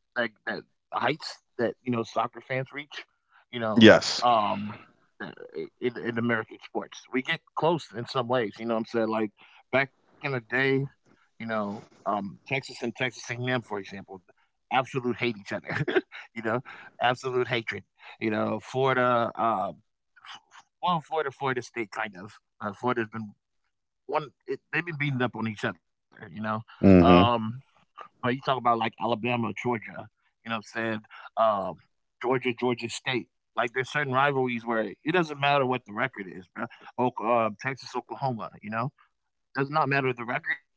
A: like that heights that soccer fans reach, you know,
B: Yes.
A: um, uh, in American sports. We get close in some ways. You know what I'm saying? Like back in the day, you know, Texas and Texas A&M, for example, absolute hate each other, you know, absolute hatred. Florida, well, Florida, Florida State, kind of. Florida's been one; they've been beating up on each other.
B: Mm-hmm.
A: Um, but you talk about like Alabama, Georgia, you know what I'm saying? Um, Georgia, Georgia State. Like there's certain rivalries where it doesn't matter what the record is, bro. Texas, Oklahoma, does not matter the record,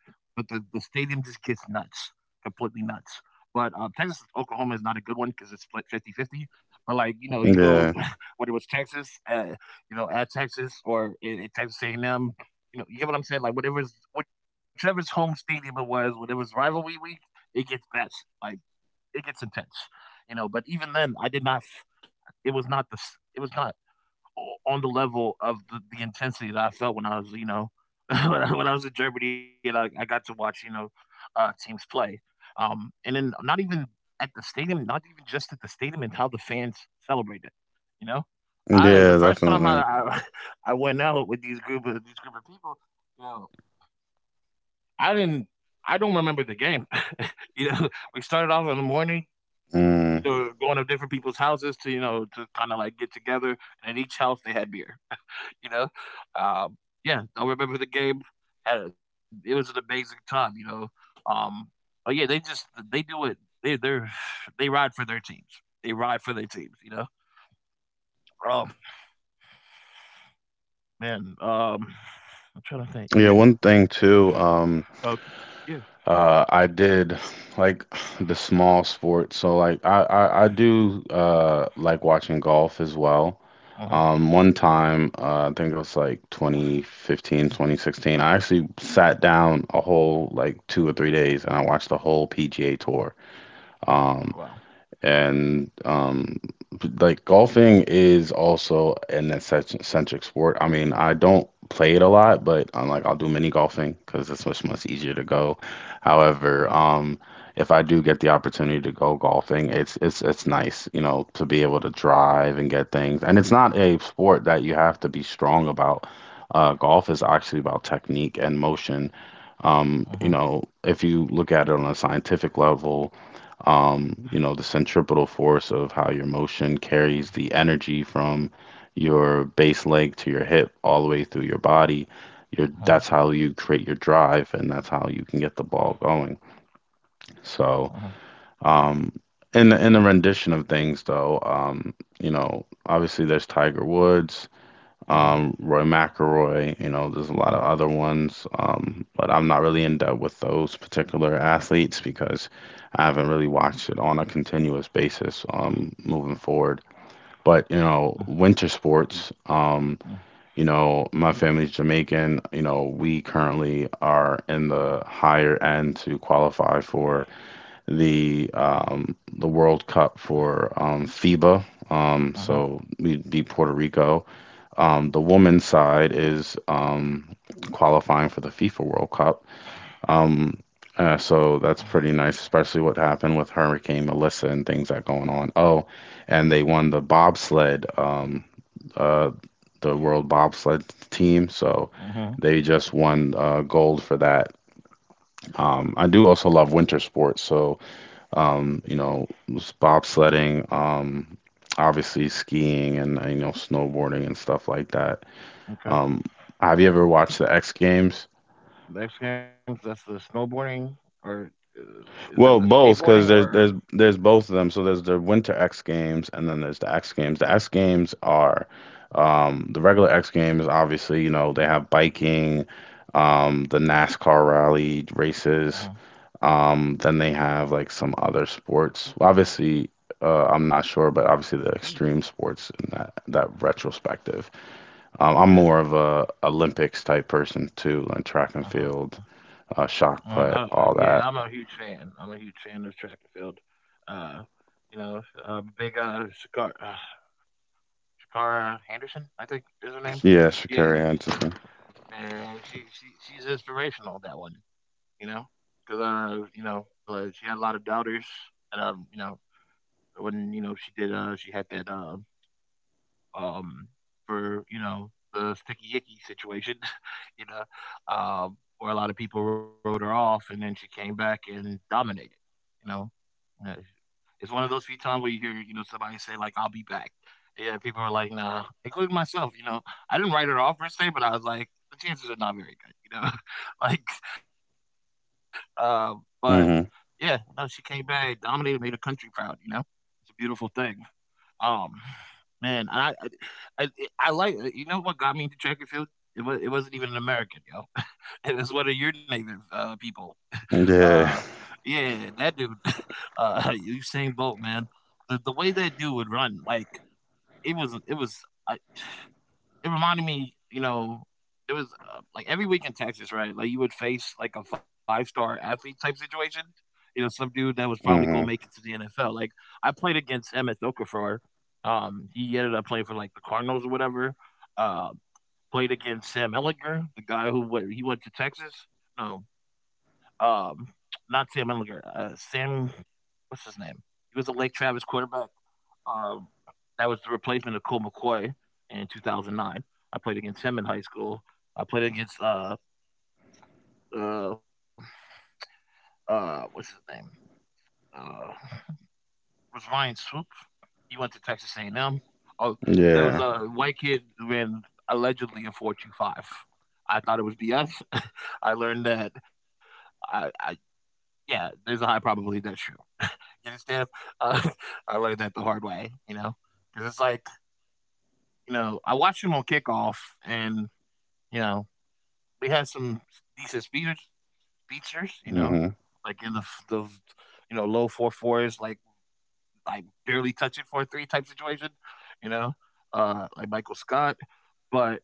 A: but the stadium just gets nuts, completely nuts. But Texas Oklahoma is not a good one because it's split 50-50. But like you go
B: Yeah.
A: whether it was Texas, at Texas or at Texas A&M, you get what I'm saying. Like whatever's whichever's home stadium it was, whatever's rivalry week, it gets best. Like it gets intense. But even then, I did not. It was not the. It was not on the level of the intensity that I felt when I was, you know, when I was in Germany and I got to watch, teams play. And then not even at the stadium, not even just at the stadium and how the fans celebrate it. You know, I the
B: Yeah,
A: first time
B: definitely.
A: I went out with these group of people, you know, I didn't. I don't remember the game. you know, we started off in the morning. You
B: Mm.
A: know, going to different people's houses to kind of like get together, and at each house they had beer. You know? Um, yeah, I remember the game. Had it was an amazing time, you know? Um, but yeah, they do it. They, they're, they ride for their teams. They ride for their teams, you know? Oh, man. I'm trying to think.
B: Yeah,
A: Yeah.
B: one thing too,
A: Okay. Yeah.
B: I did like the small sports. So like I do like watching golf as well.
A: Uh-huh.
B: One time, I think it was like 2015, 2016. I actually sat down a whole like 2 or 3 days and I watched the whole PGA Tour.
A: oh, Wow.
B: Um, and like golfing is also an eccentric sport. I mean, I don't play it a lot, but I'll do mini golfing because it's much easier to go.
A: Uh-huh.
B: However, if I do get the opportunity to go golfing, it's nice, you know, to be able to drive and get things. And it's not a sport that you have to be strong about. Golf is actually about technique and motion.
A: Uh-huh.
B: You know, if you look at it on a scientific level, you know, the centripetal force of how your motion carries the energy from your base leg to your hip all the way through your body. Your
A: Uh-huh.
B: That's how you create your drive, and that's how you can get the ball going.
A: Uh-huh.
B: So, um, in the rendition of things, though, you know, obviously there's Tiger Woods,
A: Uh-huh.
B: Roy McIlroy. You know, there's a
A: Uh-huh.
B: lot of other ones, but I'm not really in depth with those particular athletes because I haven't really watched it on a continuous basis, moving forward. But you know, winter sports.
A: Uh-huh.
B: You know, my family's Jamaican. You know, we currently are in the higher end to qualify for the World Cup for FIBA.
A: Uh-huh.
B: So we'd be Puerto Rico. The women's side is qualifying for the FIFA World Cup. Um, so that's pretty nice, especially what happened with Hurricane Melissa and things that going on. Oh, and they won the bobsled, uh, the world bobsled team. So
A: Uh-huh.
B: they just won, gold for that. I do also love winter sports. So, you know, bobsledding, obviously skiing and, you know, snowboarding and stuff like that.
A: Okay.
B: Um, have you ever watched the X Games?
A: Next games, that's the snowboarding, or uh, is that the
B: Well, both,
A: skateboarding,
B: because there's
A: or?
B: there's there's both of them. So there's the Winter X Games, and then there's the X Games. The X Games are, the regular X Games. Obviously, you know they have biking, the NASCAR rally
A: Uh-huh.
B: races. Then they have like some other sports. Obviously, I'm not sure, but obviously the extreme sports in that retrospective. I'm
A: Yeah.
B: more of a Olympics type person too, like track and
A: Uh-huh.
B: field, shock
A: I
B: put, all
A: yeah, I'm a
B: that.
A: huge fan. I'm a huge fan of track and field. Uh, big Shakara Henderson, I think is her name.
B: Yeah, Shakari
A: Yeah, sh-
B: Hutchinson.
A: uh, she she she's inspirational. That one, you know, because she had a lot of doubters, and when she did, she had that um, for the sticky icky situation, you know, where a lot of people wrote her off, and then she came back and dominated. You know, Uh, it's one of those few times where you hear somebody say like I'll be back. Yeah, people are like, nah, including myself. I didn't write her off per se, but I was like, the chances are not very good. Like, uh, but yeah, no, she
B: Mm-hmm.
A: came back, dominated, made her country proud. It's a beautiful thing. Um, man, I, I I like you know what got me into track and field. It wasn't even an American, yo. It was one of your native people. Uh,
B: Yeah.
A: yeah, that dude, Usain Bolt, man. The way that dude would run, like it was. I it reminded me, there was like every week in Texas, right? Like you would face like a five-star athlete type situation. Some dude that was probably going to make
B: Mm-hmm.
A: it to the NFL. Like I played against Emmett Okafor. He ended up playing for like the Cardinals or whatever. Uh, played against Sam Ellinger, the guy who went. He went to Texas. No, um, not Sam Ellinger. Sam, what's his name? He was a Lake Travis quarterback. Um, that was the replacement of Cole McCoy in 2009. I played against him in high school. I played against uh what's his name? Uh, was Ryan Swoop? He went to Texas A&M. Oh, there was
B: Yeah.
A: a white kid who ran allegedly a 425. I thought it was BS. I learned that I yeah, there's a high probability that's true. You understand? Uh, I learned that the hard way, because it's like you know I watched him on kickoff and You know, we had some decent speeders speedsters, you know,
B: Mm-hmm.
A: like in the you know low 4.4s, like barely touching 4.3 type situation, you know, like Michael Scott, but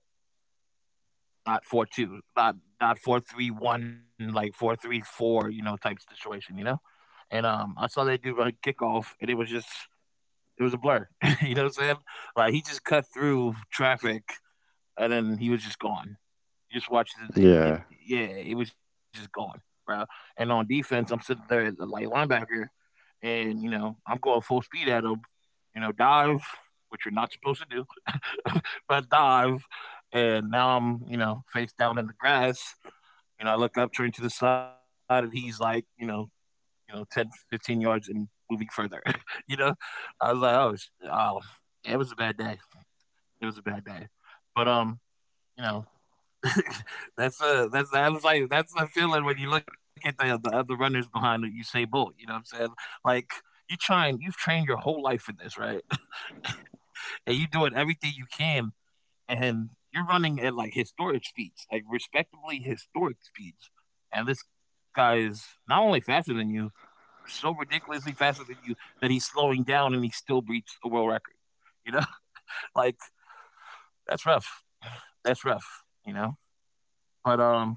A: not 4.2, not 4.31, like 4.34, you know, type situation, you know. And I saw they do like kickoff, and it was a blur, you know what I'm saying? Like he just cut through traffic, and then he was just gone. Just watched it,
B: Yeah.
A: yeah, it was just gone, bro. And on defense, I'm sitting there as a light linebacker, and I'm going full speed at him. Dive, which you're not supposed to do, but dive. And now I'm, face down in the grass. You know, I look up, turn to the side, and he's like, 10, 15 yards and moving further. you know, I was like, oh, oh, yeah, it was a bad day. It was a bad day. But you know, that's that was like that's the feeling when you look at the other runners behind you say Bolt, you know what I'm saying? Like you've trained your whole life for this, right? And you doing everything you can and you're running at like historic speeds, like respectably historic speeds. And this guy is not only faster than you, so ridiculously faster than you that he's slowing down and he still breached the world record. You know? Like that's rough. That's rough, you know? But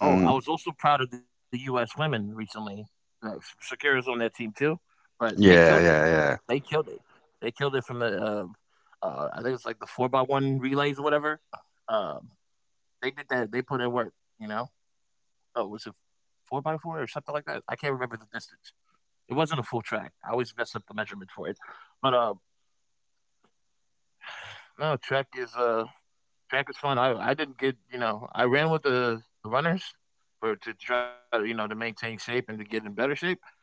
A: oh, I
B: Mm-hmm.
A: was also proud of the U.S. women recently. Uh, Shakira's on that team too, but they killed it.
B: Yeah. Yeah.
A: They
B: Yeah.
A: killed it. They killed it from the I think it's like the 4x1 relays or whatever. Um, they did that. They put in work. You know, oh, was it 4x4 or something like that? I can't remember the distance. It wasn't a full track. I always mess up the measurement for it. But no, track was fun. I didn't get I ran with the runners for to try to to maintain shape and to get in better shape.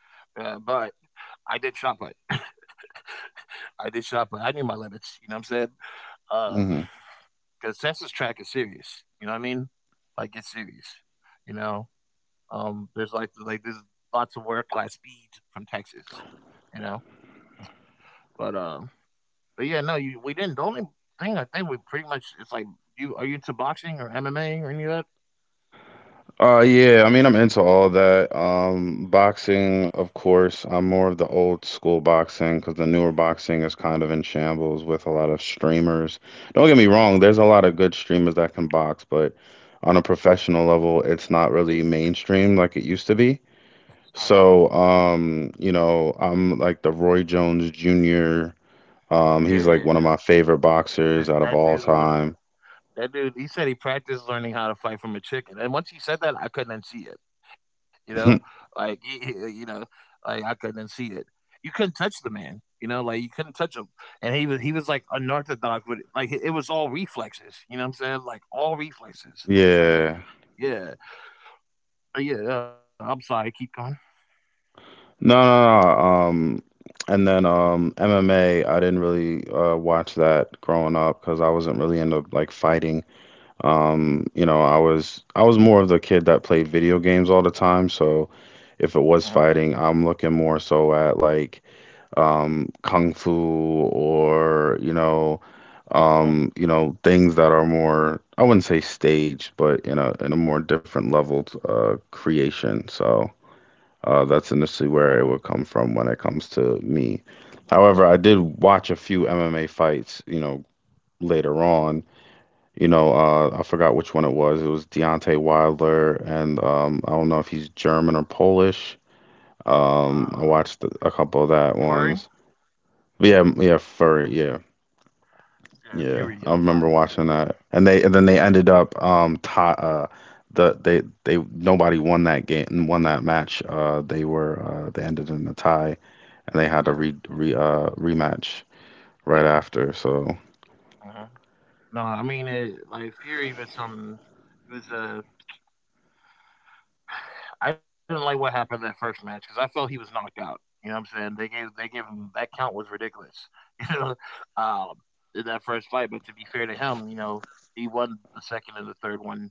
A: But I did shot put. I did shot put. I knew my limits. You know what I'm saying?
B: Mm-hmm.
A: Because census track is serious. You know what I mean? Like it's serious. You know, there's like there's lots of work class speed from Texas. You know, but um, but yeah, no, you we didn't. The only thing I think we pretty much it's like you are you into boxing or MMA or any of that?
B: Yeah. I mean, I'm into all that. Boxing, of course. I'm more of the old school boxing because the newer boxing is kind of in shambles with a lot of streamers. Don't get me wrong. There's a lot of good streamers that can box, but on a professional level, it's not really mainstream like it used to be.
A: Uh,
B: So, you know, I'm like the Roy Jones Jr.
A: yeah,
B: He's
A: yeah,
B: like one
A: yeah.
B: of my favorite
A: That
B: boxers out of
A: that
B: all
A: dude
B: time.
A: that dude, he said he practiced learning how to fight from a chicken, and once he said that, I couldn't unsee it, you know? Like, I couldn't unsee it. You couldn't touch the man, you know? Like, you couldn't touch him, and he was, like, unorthodox but like, it was all reflexes, you know what I'm saying? Like, all reflexes. Uh,
B: Yeah.
A: yeah. But, yeah, yeah, I'm sorry, keep going.
B: No, no, no. And then MMA, I didn't really watch that growing up because I wasn't really into like fighting. You know, I was more of the kid that played video games all the time, so if it
A: Uh-huh,
B: was fighting, I'm looking more so at like kung fu or,
A: uh-huh,
B: you know, things that are more I wouldn't say staged, but in a more different leveled creation. So, that's initially
A: uh-huh.
B: where it would come from when it comes to me. However, I did watch a few MMA fights, you know, later on. I forgot which one it was. It was Deontay Wilder, and I don't know if he's German or Polish.
A: Uh,
B: I watched a couple of that
A: Fury?
B: ones. But yeah, furry, yeah,
A: Yeah, Fury,
B: yeah.
A: I'm
B: I
A: sorry,
B: remember
A: Fury.
B: watching that, and they and then
A: Yeah,
B: they ended up tie, the they nobody won that game and won that match. They ended in a tie, and they
A: yeah,
B: had to re re rematch
A: yeah.
B: right after. So,
A: Uh-huh. No, I mean it. Like Fury, even some, it was I didn't like what happened in that first match because I felt he was knocked out. You know what I'm saying? They gave him that count was ridiculous. You know, um, in that first fight. But to be fair to him, he won the second and the third one.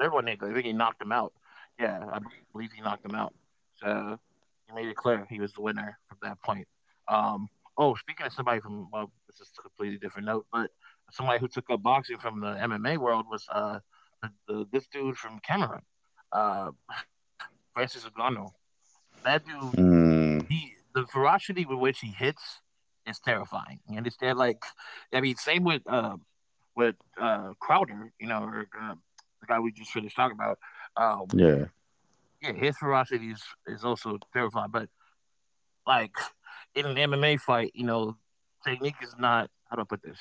A: Third one, Nick, I think he knocked him out. Yeah, I believe he knocked him out. So he made it clear he was the winner from that point. Um, oh, speaking of somebody from, well, this is a completely different note, but somebody who took up boxing from the MMA world was this dude from Cameroon, uh, Francis Ngannou. That dude
B: mm,
A: he the ferocity with which he hits is terrifying. You understand? Like, I mean, same with Crowder, or the guy we just finished talking about. Um,
B: yeah,
A: yeah, his ferocity is also terrifying. But like in an MMA fight, technique is not. How do I put this?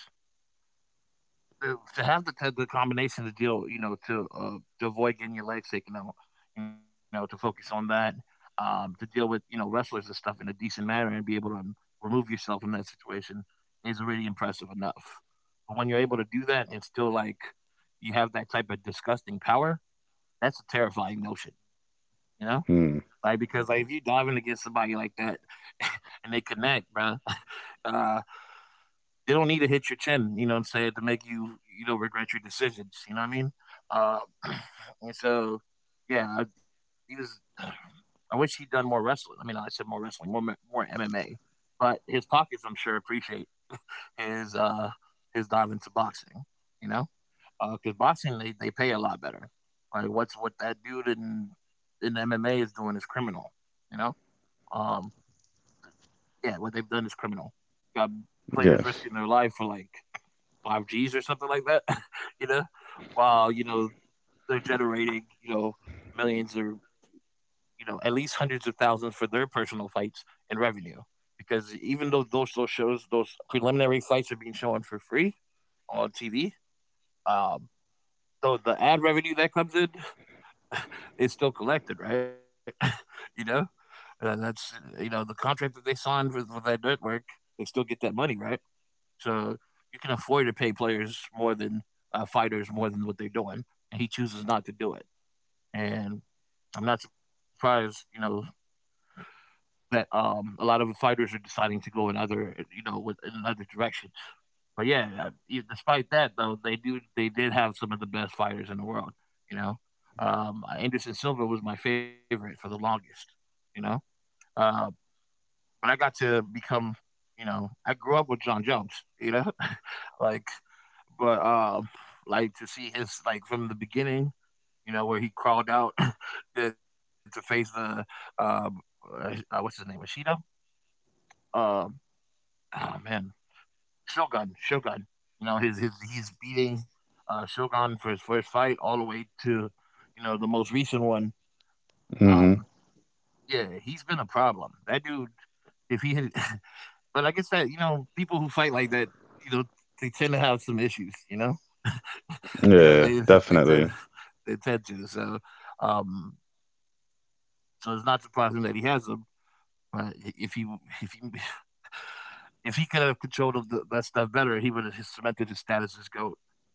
A: To have the combination to deal, to avoid getting your legs taken out, to focus on that, to deal with wrestlers and stuff in a decent manner and be able to remove yourself from that situation is already impressive enough. But when you're able to do that and still like you have that type of disgusting power, that's a terrifying notion, you know. Like
B: mm,
A: because like if you dive in against somebody like that and they connect, bruh, uh, they don't need to hit your chin, you know what I'm saying, to make you, regret your decisions, you know what I mean? Uh, and so, yeah, I wish he'd done more wrestling. I mean, I said more wrestling, more MMA. But his pockets, I'm sure, appreciate his uh his dive into boxing. You know, because boxing they pay a lot better. Like what that dude in MMA is doing is criminal. You know, um, yeah, what they've done is criminal. Got players
B: yes.
A: risking their life for like 5 G's or something like that, you know, while they're generating millions or at least hundreds of thousands for their personal fights and revenue. Because even though those shows, those preliminary fights are being shown for free on TV, um, though the ad revenue that comes in is still collected, right? you know, you know the contract that they signed for that network, they still get that money, right? So you can afford to pay players more than fighters more than what they're doing, and he chooses not to do it. And I'm not surprised, that a lot of fighters are deciding to go in other, you know, with in another direction. But yeah, despite that though, they did have some of the best fighters in the world. You know, Anderson Silva was my favorite for the longest. You know, uh, but I got to become, I grew up with John Jones. You know, like but like to see his like from the beginning, where he crawled out to face the uh, what's his name, Ishida. Um, oh man, Shogun, Shogun. You know, his he's beating Shogun for his first fight all the way to the most recent one. Um,
B: Mhm.
A: yeah, he's been a problem. That dude, if he had, but like I guess that people who fight like that, you know, they tend to have some issues. You know.
B: Yeah,
A: They they
B: definitely.
A: tend they tend to. Um, so, it's not surprising that he has them. But if he if he could have controlled that stuff better, he would have cemented his status as goat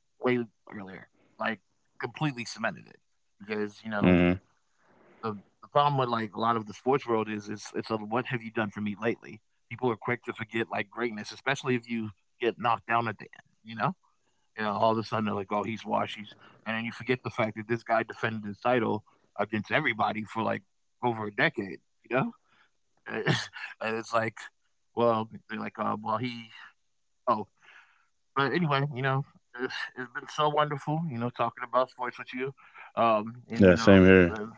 A: way earlier, like completely cemented it. Because
B: Hmm.
A: the problem with like a lot of the sports world is it's a what have you done for me lately? People are quick to forget like greatness, especially if you get knocked down at the end. You know. All of a sudden they're like, "Oh, he's washies," and then you forget the fact that this guy defended his title against everybody for like over a decade. You know, and it's like, well, they're like, well, he, oh, but anyway, it's been so wonderful, talking about sports with you, um,
B: Yeah,
A: and you
B: same
A: know,
B: here.
A: uh,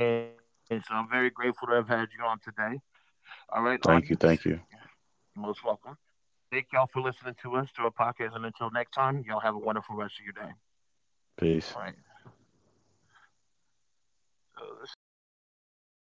A: and so I'm very grateful to have had you on today. All right, audience,
B: Thank you, thank you.
A: you're most welcome. Thank y'all for listening to our podcast, and until next time, y'all have a wonderful rest of your day.
B: Peace.
A: All right, so this is the beautiful.